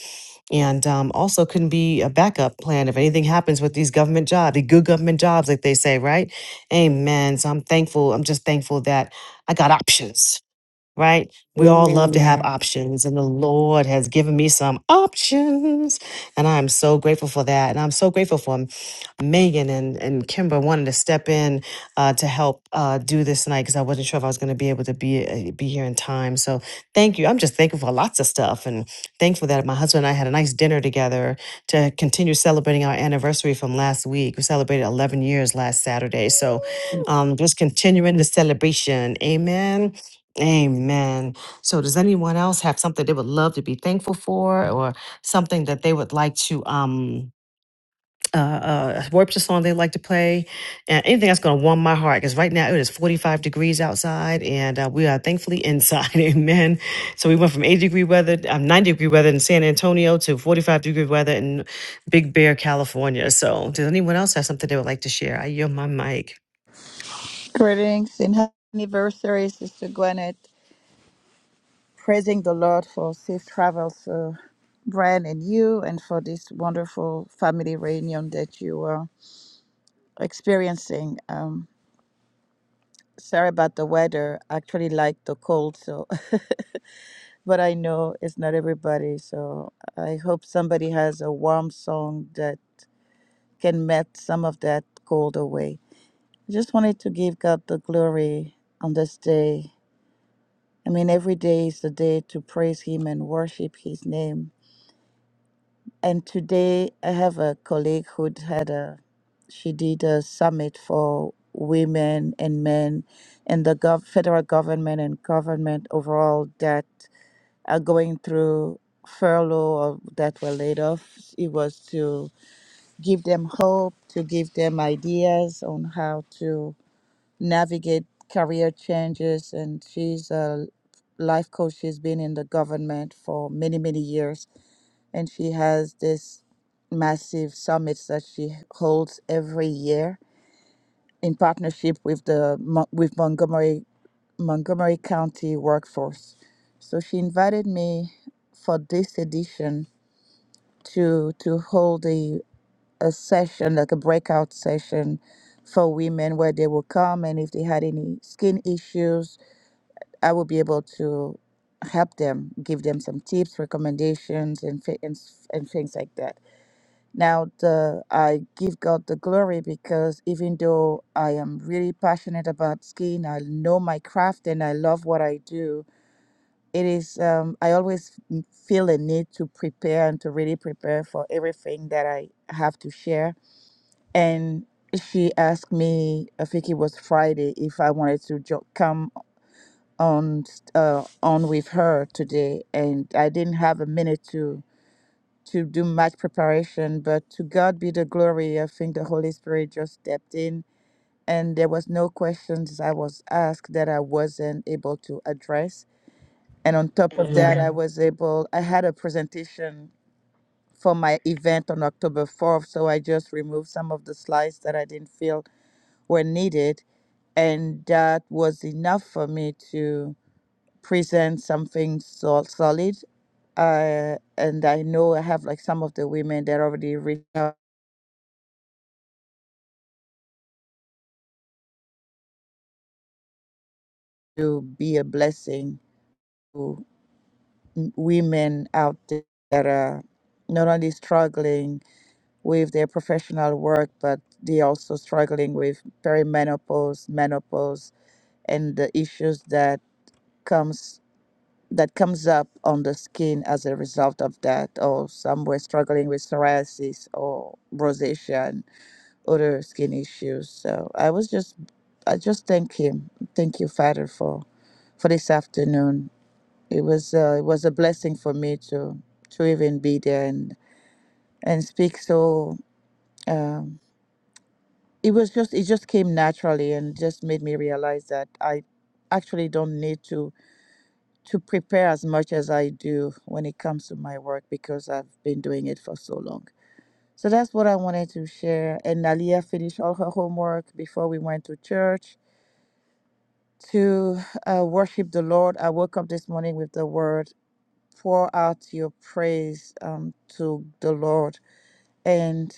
[SPEAKER 2] and um, also can be a backup plan if anything happens with these government jobs, the good government jobs, like they say, right? Amen. So I'm thankful. I'm just thankful that I got options right? We all love to have
[SPEAKER 4] Amen.
[SPEAKER 2] options, and the Lord has given me some options, and I'm so grateful for that. And I'm so grateful for Megan and and Kimber wanting to step in uh, to help uh, do this tonight because I wasn't sure if I was going to be able to be uh, be here in time. So thank you. I'm just thankful for lots of stuff, and thankful that my husband and I had a nice dinner together to continue celebrating our anniversary from last week. We celebrated 11 years last Saturday, so um, just continuing the celebration. Amen Amen. So, does anyone else have something they would love to be thankful for, or something that they would like to um uh, uh worship song they like to play, and anything that's going to warm my heart? Because right now it is forty five degrees outside, and uh, we are thankfully inside. Amen. So we went from eighty degree weather, um, ninety degree weather in San Antonio to forty five degree weather in Big Bear, California. So, does anyone else have something they would like to share? I yield my mic.
[SPEAKER 6] Greetings and happy anniversary, Sister Gwyneth. Praising the Lord for safe travels for Brian and you, and for this wonderful family reunion that you are experiencing. Um, sorry about the weather. I actually like the cold, so but I know it's not everybody. So I hope somebody has a warm song that can melt some of that cold away. I just wanted to give God the glory on this day I mean, every day is the day to praise Him and worship His name. And today, I have a colleague who had a, she did a summit for women and men, and the gov- federal government and government overall that are going through furlough or that were laid off. It was to give them hope, to give them ideas on how to navigate career changes and she's a life coach she's been in the government for many many years and she has this massive summits that she holds every year in partnership with the Mo- with Montgomery Montgomery County workforce so she invited me for this edition to to hold a a session like a breakout session for women where they will come and if they had any skin issues I will be able to help them, give them some tips, recommendations, and fi- and, s- and things like that. Now, the I give God the glory because even though I am really passionate about skiing, I know my craft and I love what I do. It is um, I always m- feel a need to prepare and to really prepare for everything that I have to share. And she asked me, I think it was Friday, if I wanted to jo- come on uh, on with her today, and I didn't have a minute to to do much preparation. But to God be the glory. I think the Holy Spirit just stepped in, and there was no questions I was asked that I wasn't able to address. And on top of
[SPEAKER 4] Yeah.
[SPEAKER 6] that, I was able. I had a presentation for my event on October fourth, so I just removed some of the slides that I didn't feel were needed, and that was enough for me to present something sol- solid. Uh, and I know I have like some of the women that already reached out to be a blessing to m- women out there that are not only struggling with their professional work, but they also struggling with perimenopause, menopause, and the issues that comes that comes up on the skin as a result of that, or some were struggling with psoriasis or rosacea other skin issues. So I was just, I just thank him. Thank you, Father, for, for this afternoon. It was, uh, it was a blessing for me to, to even be there and, and speak. So, um, it was just, it just came naturally and just made me realize that I actually don't need to, to prepare as much as I do when it comes to my work because I've been doing it for so long. So that's what I wanted to share. And Nalia finished all her homework before we went to church to uh, worship the Lord. I woke up this morning with the word, pour out your praise um, to the Lord. And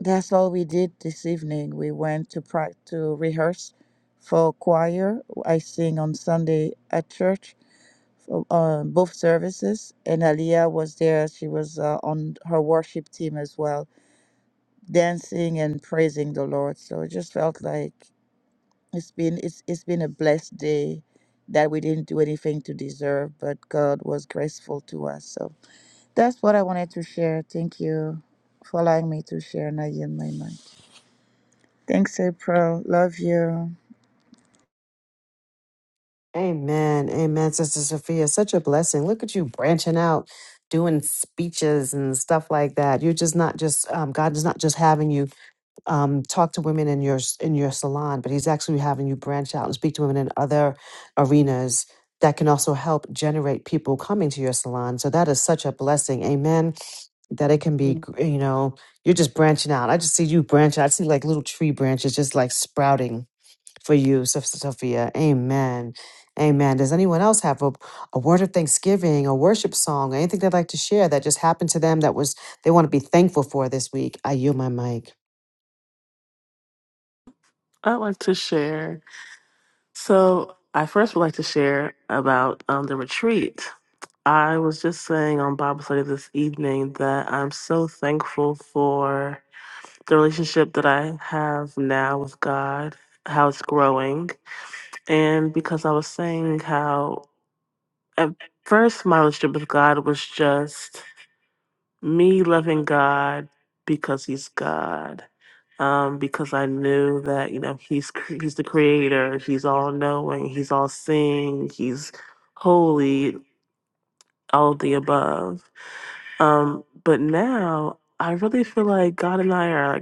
[SPEAKER 6] that's all we did this evening. We went to pra- to rehearse for choir. I sing on Sunday at church for uh, both services. And Aliyah was there. She was uh, on her worship team as well, dancing and praising the Lord. So it just felt like it's been it's it's been a blessed day that we didn't do anything to deserve, but God was graceful to us. So that's what I wanted to share. Thank you for allowing me to share and I yield my mind. Thanks, April. Love you.
[SPEAKER 2] Amen. Amen, Sister Sophia. Such a blessing. Look at you branching out, doing speeches and stuff like that. You're just not just um, God is not just having you um, talk to women in your in your salon, but He's actually having you branch out and speak to women in other arenas that can also help generate people coming to your salon. So that is such a blessing. Amen. That it can be, you know, you're just branching out. I just see you branching. I see like little tree branches just like sprouting for you, Sister Sophia. Amen. Amen. Does anyone else have a, a word of thanksgiving, a worship song, or anything they'd like to share that just happened to them that was they want to be thankful for this week? I yield my mic.
[SPEAKER 1] I'd like to share. So I first would like to share about um, the retreat. I was just saying on Bible study this evening that I'm so thankful for the relationship that I have now with God, how it's growing. And because I was saying how at first my relationship with God was just me loving God because He's God. Um, because I knew that you know he's cr- he's the creator, he's all knowing, he's all seeing, he's holy, all of the above. Um, but now I really feel like God and I are like,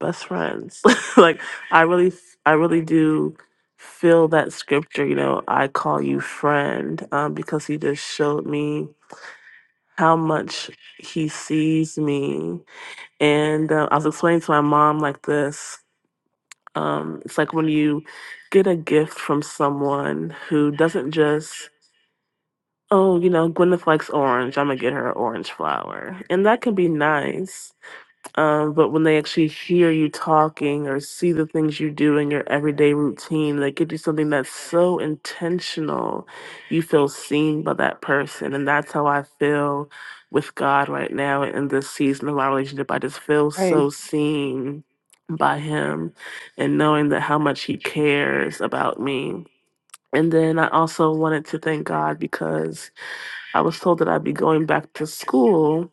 [SPEAKER 1] best friends. like I really I really do feel that scripture, you know, I call you friend, um, because he just showed me how much he sees me. And uh, I was explaining to my mom like this. Um, it's like when you get a gift from someone who doesn't just, oh, you know, Gwyneth likes orange, I'm gonna get her an orange flower. And that can be nice. Um, but when they actually hear you talking or see the things you do in your everyday routine, they give you something that's so intentional, you feel seen by that person. And that's how I feel with God right now in this season of my relationship. I just feel
[SPEAKER 3] Amen.
[SPEAKER 1] so seen by Him and knowing that how much He cares about me. And then I also wanted to thank God because I was told that I'd be going back to school.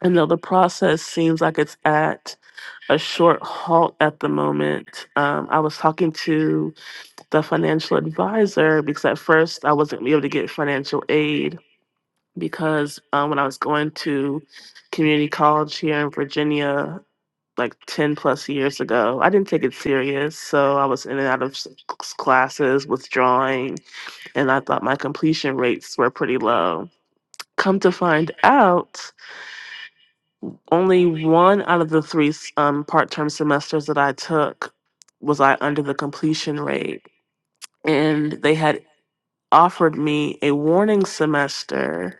[SPEAKER 1] And though the process seems like it's at a short halt at the moment. Um, I was talking to the financial advisor because at first I wasn't able to get financial aid because um, when I was going to community college here in Virginia, like 10 plus years ago, I didn't take it serious. So I was in and out of s- classes, withdrawing, and I thought my completion rates were pretty low. Come to find out, only one out of the three um, part-term semesters that I took was I under the completion rate, and they had offered me a warning semester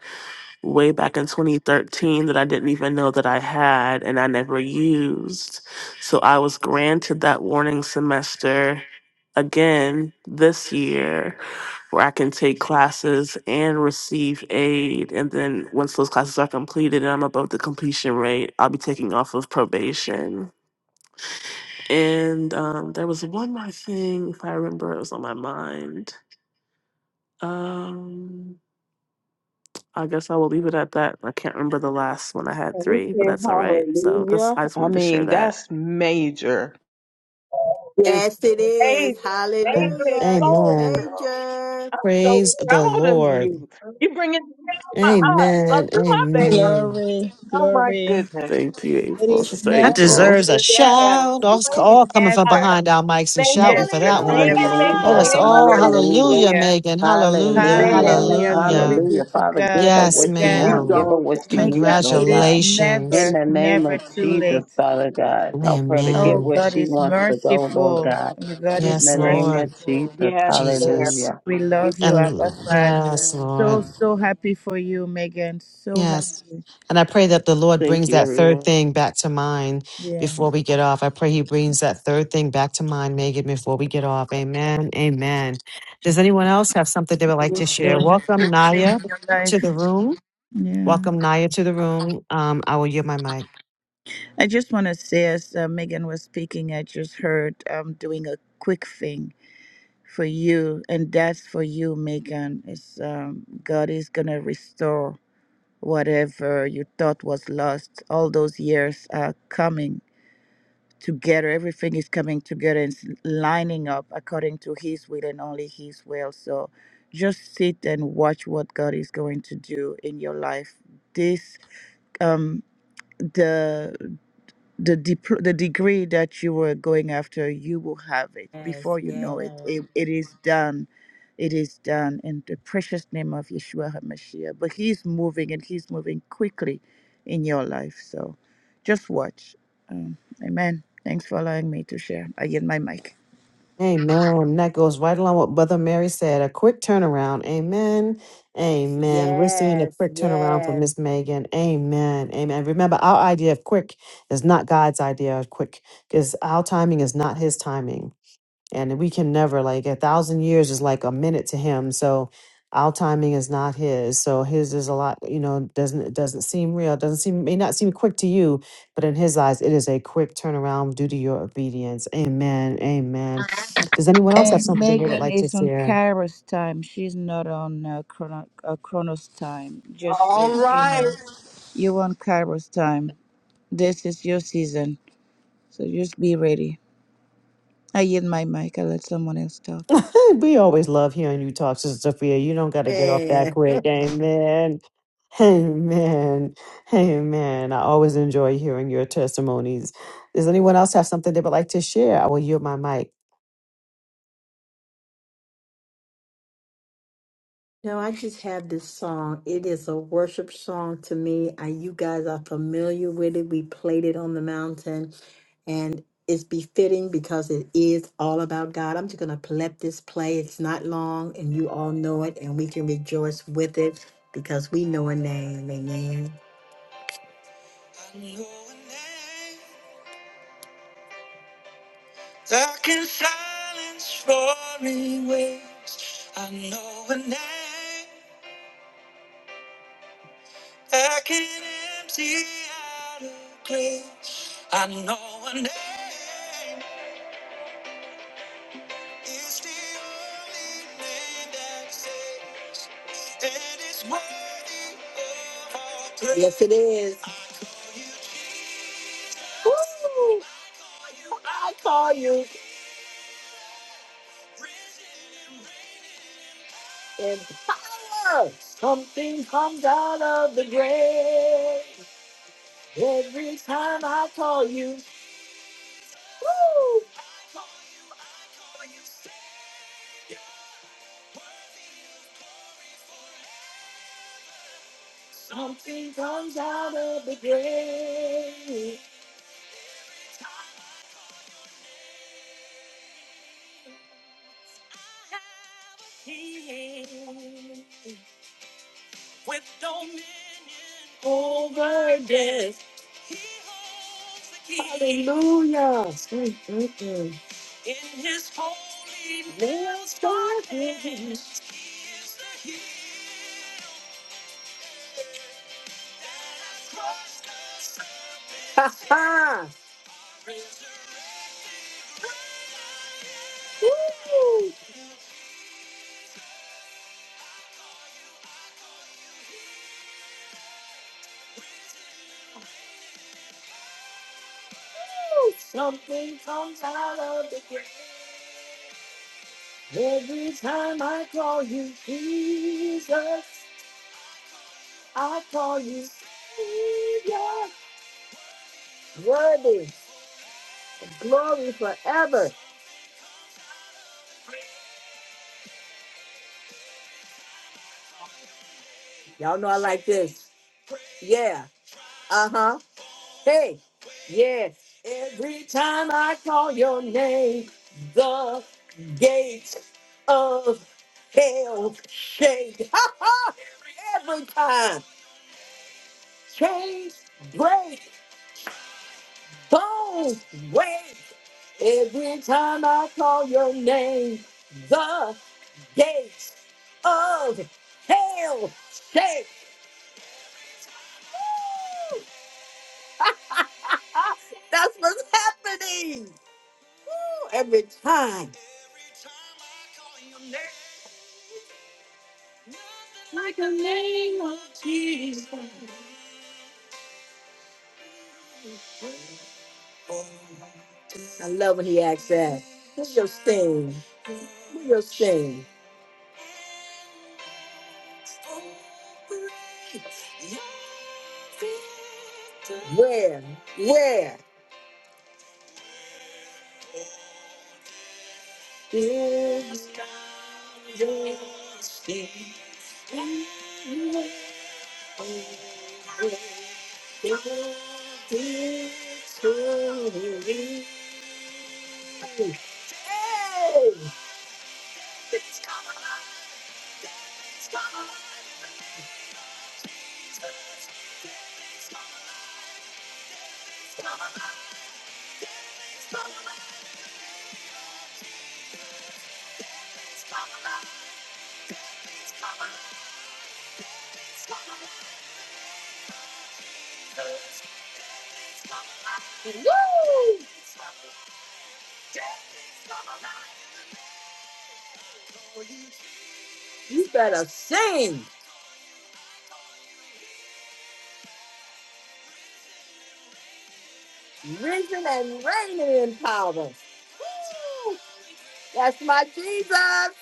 [SPEAKER 1] way back in 2013 that I didn't even know that I had and I never used. So I was granted that warning semester again this year where I can take classes and receive aid. And then once those classes are completed and I'm above the completion rate, I'll be taking off of probation. And um, there was one more thing, if I remember, it was on my mind. Um, I guess I will leave it at that. I can't remember the last one I had
[SPEAKER 3] And we
[SPEAKER 1] three, but
[SPEAKER 3] say
[SPEAKER 1] that's all right. So that's
[SPEAKER 3] hallelujah.
[SPEAKER 1] I just
[SPEAKER 3] I
[SPEAKER 1] wanted to share
[SPEAKER 3] mean,
[SPEAKER 1] that.
[SPEAKER 3] that's major. It's
[SPEAKER 4] Yes, it
[SPEAKER 3] major.
[SPEAKER 4] is.
[SPEAKER 2] And-
[SPEAKER 3] Major
[SPEAKER 4] Hallelujah. It's
[SPEAKER 3] gold,
[SPEAKER 2] Amen.
[SPEAKER 3] girl.
[SPEAKER 4] major.
[SPEAKER 3] I'm so
[SPEAKER 2] Praise the
[SPEAKER 3] proud of
[SPEAKER 2] Lord.
[SPEAKER 3] you. You bring it down my heart. Like
[SPEAKER 2] Amen.
[SPEAKER 3] you're my baby.
[SPEAKER 2] Amen.
[SPEAKER 6] Glory,
[SPEAKER 3] Oh my
[SPEAKER 6] glory.
[SPEAKER 3] goodness.
[SPEAKER 1] Thank you,
[SPEAKER 6] It
[SPEAKER 1] April.
[SPEAKER 6] is
[SPEAKER 1] Sister
[SPEAKER 2] That
[SPEAKER 6] never
[SPEAKER 1] April.
[SPEAKER 2] deserves a
[SPEAKER 6] too
[SPEAKER 3] Yes.
[SPEAKER 6] late.
[SPEAKER 2] shout.
[SPEAKER 6] It
[SPEAKER 2] All,
[SPEAKER 6] is
[SPEAKER 3] Praise
[SPEAKER 2] all coming from
[SPEAKER 3] God.
[SPEAKER 6] never,
[SPEAKER 2] behind our mics and shouting
[SPEAKER 3] Yes.
[SPEAKER 2] for
[SPEAKER 6] never,
[SPEAKER 2] that one.
[SPEAKER 6] never too
[SPEAKER 2] Let
[SPEAKER 7] Hallelujah.
[SPEAKER 2] us
[SPEAKER 4] Hallelujah.
[SPEAKER 6] late.
[SPEAKER 2] all,
[SPEAKER 4] Woo-hoo.
[SPEAKER 7] Hallelujah.
[SPEAKER 2] hallelujah,
[SPEAKER 6] Hallelujah.
[SPEAKER 2] Megan. Hallelujah.
[SPEAKER 7] Hallelujah.
[SPEAKER 6] Hallelujah.
[SPEAKER 4] Woo.
[SPEAKER 6] Glory
[SPEAKER 2] Hallelujah.
[SPEAKER 6] be
[SPEAKER 7] Hallelujah.
[SPEAKER 6] to
[SPEAKER 7] Father, give
[SPEAKER 6] God.
[SPEAKER 7] her
[SPEAKER 2] Yes,
[SPEAKER 6] May
[SPEAKER 7] what she
[SPEAKER 6] God.
[SPEAKER 7] wants. Give
[SPEAKER 2] ma'am.
[SPEAKER 7] her what she
[SPEAKER 6] Megan,
[SPEAKER 7] needs,
[SPEAKER 6] God.
[SPEAKER 7] Lord
[SPEAKER 6] it is
[SPEAKER 7] God. In
[SPEAKER 2] Congratulations.
[SPEAKER 6] never,
[SPEAKER 7] the name
[SPEAKER 6] never
[SPEAKER 7] of
[SPEAKER 6] too
[SPEAKER 7] Jesus,
[SPEAKER 6] late.
[SPEAKER 7] Father God, help her to get
[SPEAKER 6] Oh,
[SPEAKER 2] Amen.
[SPEAKER 7] where
[SPEAKER 6] God
[SPEAKER 7] she
[SPEAKER 6] is
[SPEAKER 7] wants to go, Lord
[SPEAKER 6] merciful.
[SPEAKER 7] God.
[SPEAKER 6] Oh, God is
[SPEAKER 7] In
[SPEAKER 2] Yes,
[SPEAKER 7] the name of
[SPEAKER 2] Lord
[SPEAKER 6] merciful.
[SPEAKER 3] Yes.
[SPEAKER 7] Jesus.
[SPEAKER 2] Jesus.
[SPEAKER 7] Hallelujah.
[SPEAKER 6] We love you, Abba
[SPEAKER 2] And
[SPEAKER 6] Father.
[SPEAKER 2] yes,
[SPEAKER 4] Yes,
[SPEAKER 6] So,
[SPEAKER 2] Lord.
[SPEAKER 6] so happy for you, Megan. So
[SPEAKER 2] Yes.
[SPEAKER 6] happy.
[SPEAKER 2] And I pray that the Lord
[SPEAKER 1] Thank
[SPEAKER 2] brings
[SPEAKER 1] you,
[SPEAKER 2] that third
[SPEAKER 1] everyone.
[SPEAKER 2] thing back to mind
[SPEAKER 6] Yeah.
[SPEAKER 2] before we get off. I pray He brings that third thing back to mind, Megan, before we get off. Amen. Amen. Does anyone else have something they would
[SPEAKER 6] It
[SPEAKER 2] like to
[SPEAKER 6] is
[SPEAKER 2] share?
[SPEAKER 6] doing a
[SPEAKER 2] Welcome,
[SPEAKER 6] big thing in
[SPEAKER 2] Naya,
[SPEAKER 6] your
[SPEAKER 2] to the
[SPEAKER 6] life.
[SPEAKER 2] room.
[SPEAKER 6] Yeah.
[SPEAKER 2] Welcome, Naya, to the room. Um, I will yield my mic.
[SPEAKER 6] I just want to say, as uh, Megan was speaking, I just heard um, doing a quick thing for you, and that's for you, Megan. It's, um, God is going to restore whatever you thought was lost. All those years are coming together. Everything is coming together and s- lining up according to His will and only His will. So just sit and watch what God is going to do in your life. This um the the dipl- the degree that you were going after you will have it before you know it
[SPEAKER 4] yes,
[SPEAKER 6] it, it is done it is done in the precious name of yeshua hamashiach but he's moving and he's moving quickly in your life so just watch um, amen thanks for allowing me to share i get my mic
[SPEAKER 2] Amen. That goes right along with what Brother Mary said. A quick turnaround. Amen. Amen. We're seeing a
[SPEAKER 4] yes,
[SPEAKER 2] quick turnaround for
[SPEAKER 4] yes.
[SPEAKER 2] Miss Megan. Amen. Amen. Remember, our idea of quick is not God's idea of quick because our timing is not his timing and we can never like a thousand years is like a minute to him so our timing is not his so his is a lot you know doesn't it doesn't seem real it doesn't seem may not seem quick to you but in his eyes it is a quick turnaround due to your obedience amen amen does anyone else have
[SPEAKER 6] and
[SPEAKER 2] something they would
[SPEAKER 6] megan
[SPEAKER 2] like to
[SPEAKER 6] is on
[SPEAKER 2] share
[SPEAKER 6] kairos time she's not on uh, Chrono- uh, chronos time just
[SPEAKER 3] All
[SPEAKER 6] uh, you
[SPEAKER 3] right.
[SPEAKER 6] know you're on kairos time this is your season So just be ready. I yield my mic. I let someone else talk.
[SPEAKER 2] Hey, We always love hearing you talk, Sister Sophia. You don't got to get off that
[SPEAKER 4] yes.
[SPEAKER 2] quick. Amen. Amen. Amen. I always enjoy hearing your testimonies. Does anyone else have something they would like to share? I will yield my mic.
[SPEAKER 4] No, I just have this song. It is a worship song to me. I, you guys are familiar with it. We played it on the mountain, and it's befitting because it is all about God. I'm just going to let this play. It's not long, and you all know it, and we can rejoice with it because we know a name. Amen. I know a name that can silence roaring waves. I know an empty out grave. I know a name is the only name that saves. And it's worthy of all praise. Yes, it is. I call you Jesus. call you risen and reigning. in power. And he's out of the grave. Every time I call you Woo! Something comes out of the grave. With dominion over death. Hallelujah. In his holy nails garden he is the heel that crushed the serpent's head. Woo! Something comes out of the grave. Every time I call you Jesus, I call you Savior. Worthy, glory forever. Y'all know I like this. Yeah. Uh huh. Hey. Yes. Every time I call your name, the gates of hell shake. Ha ha. Every time. Chains break. Bones wake. Every time I call your name, the gates of hell shake. Woo! Ah, that's what's happening. Every time. Like the name of Jesus. I love when he asks that. What's your sting? What's your sting? Where? Where? Is your sting? You better sing, risen and reigning in power. Woo! That's my Jesus,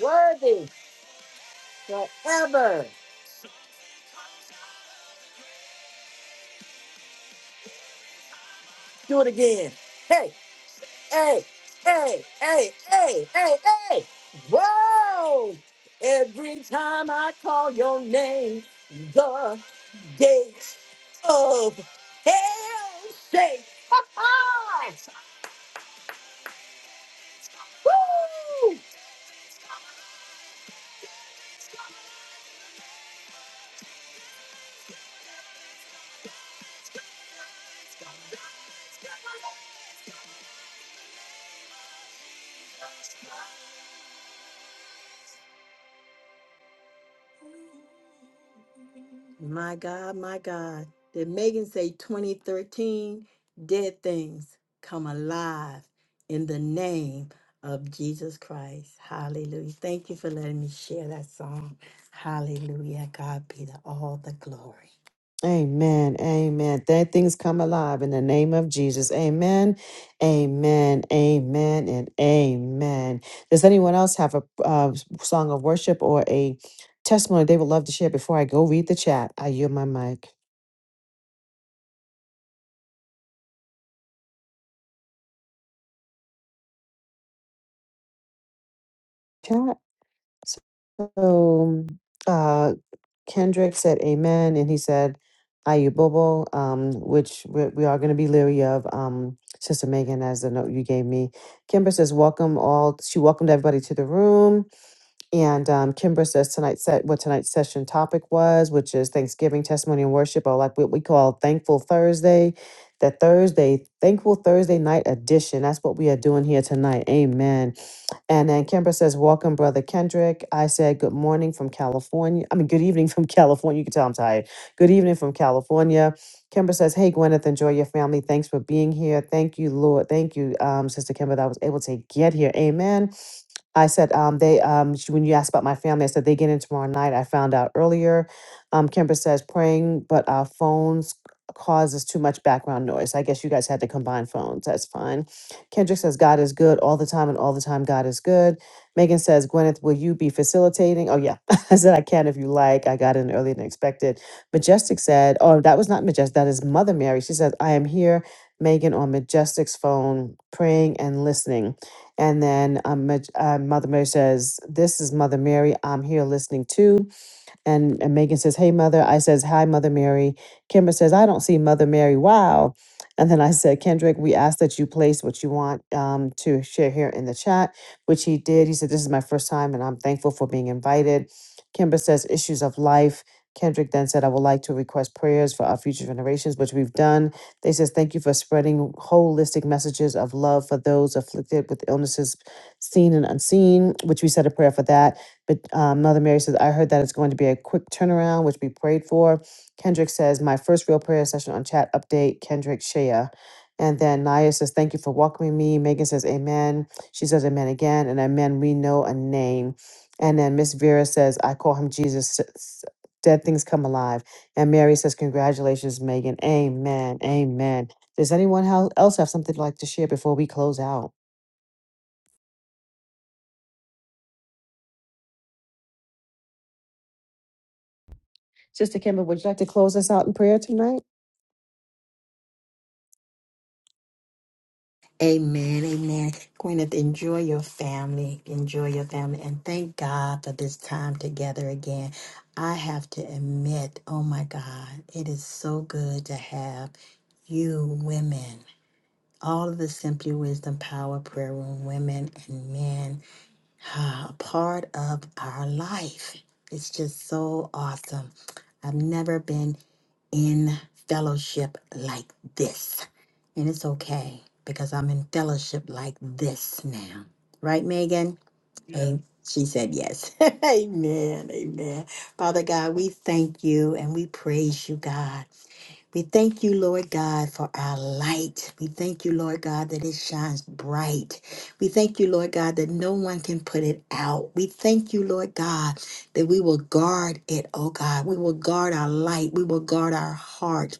[SPEAKER 4] worthy forever. Do it again. Hey, hey, hey, hey, hey, hey, hey. Whoa! Every time I call your name, the gates of hell shake. Ha ha! Woo! My God, my God. Did Megan say 2013? Dead things come alive in the name of Jesus Christ. Hallelujah. Thank you for letting me share that song. Hallelujah. God be the, all the glory.
[SPEAKER 2] Amen. Amen. That things come alive in the name of Jesus. Amen. Amen. Amen. And amen. Does anyone else have a uh, song of worship or a testimony they would love to share before I go read the chat? I yield my mic. So uh, Kendrick said amen, and he said ayubobo, um, which we, we are going to be leery of. Um, Sister Megan, as the note you gave me. Kimber says, welcome all. She welcomed everybody to the room. And um, Kimbra says tonight's set what tonight's session topic was, which is Thanksgiving testimony and worship, or like what we call Thankful Thursday. That Thursday, Thankful Thursday night edition. That's what we are doing here tonight. Amen. And then Kimbra says, "Welcome, brother Kendrick." I said, "Good morning from California." I mean, good evening from California. You can tell I'm tired. Good evening from California. Kimbra says, "Hey, Gwyneth, enjoy your family. Thanks for being here. Thank you, Lord. Thank you, um, Sister Kimbra, that I was able to get here. Amen." I said, um, they, um, sh- when you asked about my family, I said, they get in tomorrow night. I found out earlier. Um, Kimber says, praying, but our phones causes too much background noise. I guess you guys had to combine phones. That's fine. Kendrick says, God is good all the time, and all the time, God is good. Megan says, Gwyneth, will you be facilitating? Oh, yeah. I said, I can if you like. I got in earlier than expected. Majestic said, Oh, that was not Majestic. That is Mother Mary. She says, I am here, Megan, on Majestic's phone, praying and listening. And then um, Maj- uh, Mother Mary says, This is Mother Mary. I'm here listening too. And, and Megan says, Hey, Mother. I says, Hi, Mother Mary. Kimber says, I don't see Mother Mary. Wow. And then I said, Kendrick, we ask that you place what you want um, to share here in the chat, which he did. He said, This is my first time and I'm thankful for being invited. Kimber says, Issues of life. Kendrick then said, I would like to request prayers for our future generations, which we've done. They says, Thank you for spreading holistic messages of love for those afflicted with illnesses seen and unseen, which we said a prayer for that. But um, Mother Mary says, I heard that it's going to be a quick turnaround, which we prayed for. Kendrick says, My first real prayer session on chat update, Kendrick Shea. And then Naya says, Thank you for welcoming me. Megan says, Amen. She says, Amen again. And Amen, we know a name. And then Miss Vera says, I call him Jesus. S- s- Dead things come alive. And Mary says, Congratulations, Megan. Amen. Amen. Does anyone hel- else have something they'd like to share before we close out? Sister Kimber, would you like to close us out in prayer tonight?
[SPEAKER 4] Amen. Amen. Gwyneth, enjoy your family. Enjoy your family. And thank God for this time together again. I have to admit, oh my God, it is so good to have you women all of the Simply Wisdom Power Prayer Room women and men ah, a part of our life. It's just so awesome. I've never been in fellowship like this. And it's okay because I'm in fellowship like this now. Right, Megan? And she said yes. amen. Amen. Father God, we thank you and we praise you, God. We thank you, Lord God, for our light. We thank you, Lord God, that it shines bright. We thank you, Lord God, that no one can put it out. We thank you, Lord God, that we will guard it, oh God. We will guard our light. We will guard our heart.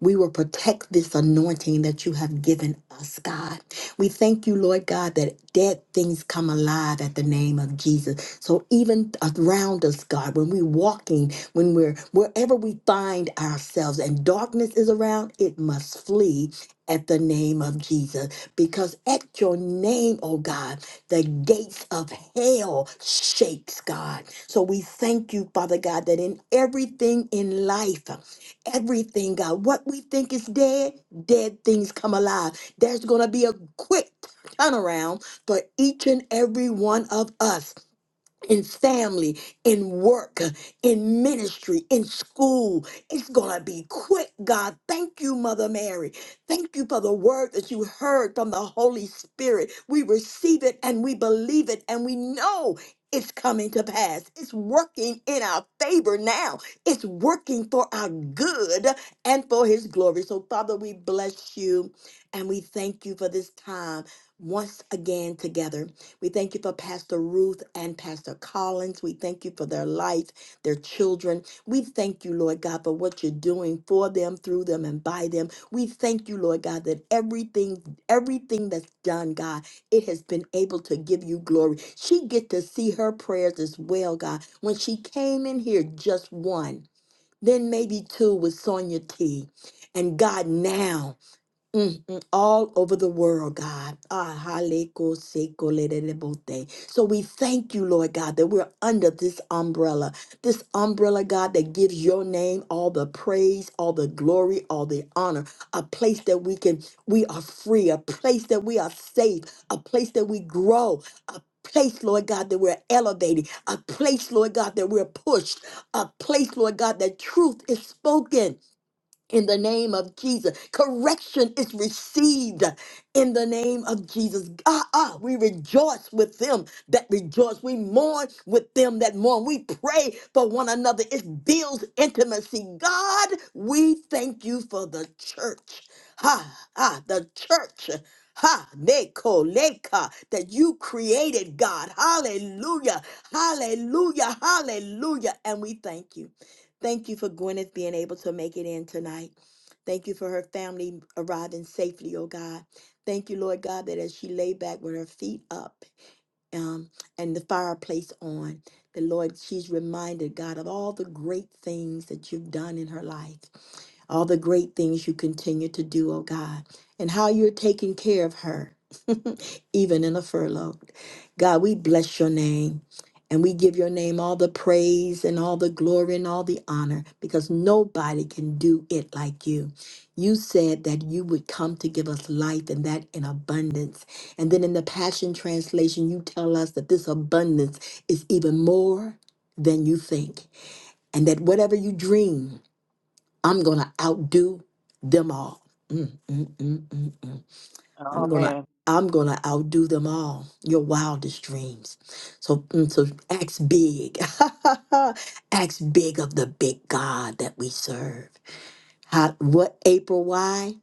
[SPEAKER 4] We will protect this anointing that you have given us, God. We thank you, Lord God, that dead things come alive at the name of Jesus. So even around us, God, when we're walking, when we're wherever we find ourselves and darkness is around, it must flee at the name of Jesus. Because at your name, oh God, the gates of hell shakes, God. So we thank you, Father God, that in everything in life, everything, God, what we think is dead, dead things come alive. There's going to be a quick turnaround for each and every one of us in family, in work, in ministry, in school. It's going to be quick, God. Thank you, Mother Mary. Thank you for the word that you heard from the Holy Spirit. We receive it and we believe it and we know. It's coming to pass. It's working in our favor now. It's working for our good and for His glory. So, Father, we bless you and we thank you for this time once again together. We thank you for Pastor Ruth and Pastor Collins. We thank you for their life, their children. We thank you, Lord God, for what you're doing for them, through them, and by them. We thank you, Lord God, that everything, everything that's done, God, it has been able to give you glory. She get to see her prayers as well, God. When she came in here, just one, then maybe two with Sonia T. And God, now. Mm, mm, all over the world, God. Ah, haleko seko lelelebote. So we thank you, Lord God, that we're under this umbrella. This umbrella, God, that gives your name all the praise, all the glory, all the honor. A place that we can, we are free, a place that we are safe, a place that we grow, a place, Lord God, that we're elevated, a place, Lord God, that we're pushed, a place, Lord God, that truth is spoken in the name of Jesus. Correction is received in the name of Jesus. Ah, ah, we rejoice with them that rejoice. We mourn with them that mourn. We pray for one another. It builds intimacy. God, we thank you for the church. Ha, ah, the church. Ha, neko, leka, that you created, God. Hallelujah, hallelujah, hallelujah. And we thank you. Thank you for Gwyneth being able to make it in tonight. Thank you for her family arriving safely, oh God. Thank you, Lord God, that as she lay back with her feet up um, and the fireplace on, the Lord, she's reminded, God, of all the great things that you've done in her life, all the great things you continue to do, oh God, and how you're taking care of her even in a furlough. God, we bless your name and we give your name all the praise and all the glory and all the honor because nobody can do it like you. You said that you would come to give us life and that in abundance. And then in the Passion Translation, you tell us that this abundance is even more than you think and that whatever you dream, I'm going to outdo them all. Mm, mm, mm, mm, mm. I'm
[SPEAKER 3] Oh
[SPEAKER 4] gonna
[SPEAKER 3] man.
[SPEAKER 4] I'm gonna outdo them all, your wildest dreams. So, mm, so act big. act big of the big God that we serve. How, what April why?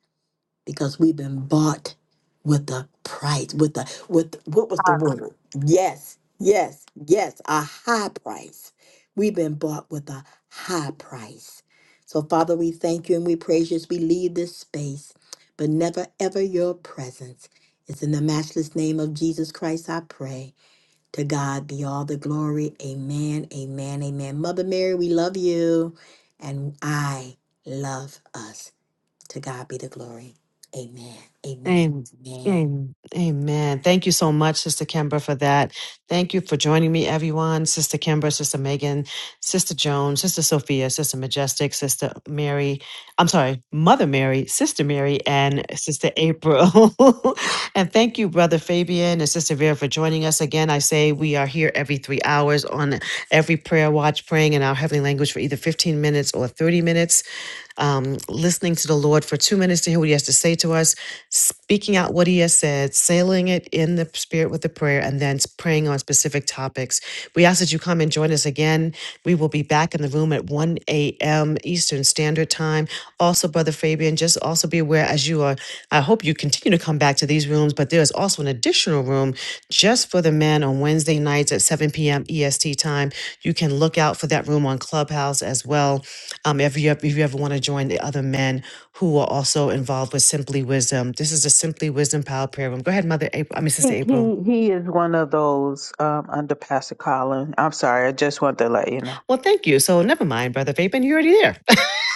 [SPEAKER 4] because we've been bought with a price with the with what was the word yes yes yes a high price we've been bought with a high price so father we thank you and we praise you as we leave this space but never ever your presence it's in the matchless name of jesus christ i pray to god be all the glory amen amen amen mother mary we love you and i love us to God be the glory. Amen. Amen.
[SPEAKER 2] Amen.
[SPEAKER 4] Amen.
[SPEAKER 2] Amen. Amen. Thank you so much, Sister Kemba, for that. Thank you for joining me, everyone. Sister Kemba, Sister Megan, Sister Joan, Sister Sophia, Sister Majestic, Sister Mary, I'm sorry, Mother Mary, Sister Mary, and Sister April. and thank you, Brother Fabian and Sister Vera, for joining us again. I say we are here every three hours on every prayer watch, praying in our heavenly language for either 15 minutes or 30 minutes um, listening to the Lord for two minutes to hear what He has to say to us, speaking out what He has said, sailing it in the Spirit with the prayer, and then praying on specific topics. We ask that you come and join us again. We will be back in the room at 1 a.m. Eastern Standard Time. Also, Brother Fabian, just also be aware as you are, I hope you continue to come back to these rooms, but there is also an additional room just for the men on Wednesday nights at 7 p.m. EST time. You can look out for that room on Clubhouse as well um, if you if you ever want to join the other men who are also involved with Simply Wisdom, this is the Simply Wisdom Power Prayer Room. Go ahead, Mother April. I mean, Sister
[SPEAKER 3] He
[SPEAKER 2] April.
[SPEAKER 3] he he is one of those um under Pastor Colin. I'm sorry, I just want to let you know.
[SPEAKER 2] Well, thank you. So never mind, Brother Fabian. You're already there.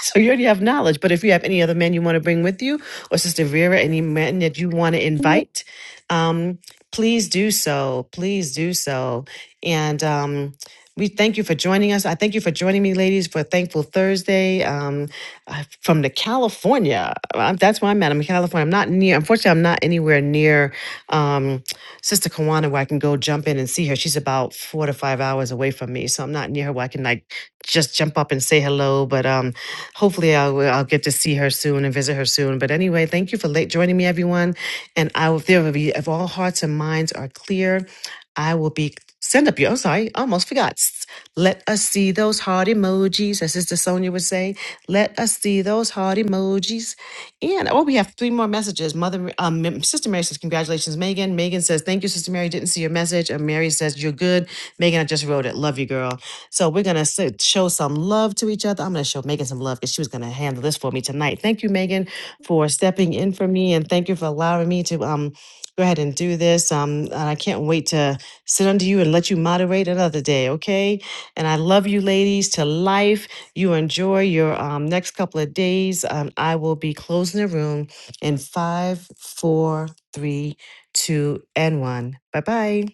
[SPEAKER 2] So you already have knowledge. But if you have any other men you want to bring with you, or Sister Vera, any men that you want to invite, um, please do so. Please do so. And um, we thank you for joining us. I thank you for joining me, ladies, for Thankful Thursday um, uh, from the California. Uh, That's where I'm at. I'm in California. I'm not near. Unfortunately, I'm not anywhere near. Um, Sister Kawana where I can go jump in and see her. She's about four to five hours away from me, so I'm not near her where I can like just jump up and say hello. But um, hopefully I'll, I'll get to see her soon and visit her soon. But anyway, thank you for late joining me, everyone. And I will, there will be, if all hearts and minds are clear, I will be send up you. I'm sorry, almost forgot. S- Let us see those heart emojis, as Sister Sonia would say. Let us see those heart emojis. And oh, we have three more messages. Mother, um, Sister Mary says, "Congratulations, Megan." Megan says, "Thank you, Sister Mary. Didn't see your message." And Mary says, "You're good, Megan. I just wrote it. Love you, girl." So we're gonna s- show some love to each other. I'm gonna show Megan some love because she was gonna handle this for me tonight. Thank you, Megan, for stepping in for me, and thank you for allowing me to um go ahead and do this. Um, and I can't wait to sit under you and let you moderate another day, okay? And I love you, ladies, to life. You enjoy your um, next couple of days. Um, I will be closing the room in five, four, three, two, and one. Bye bye.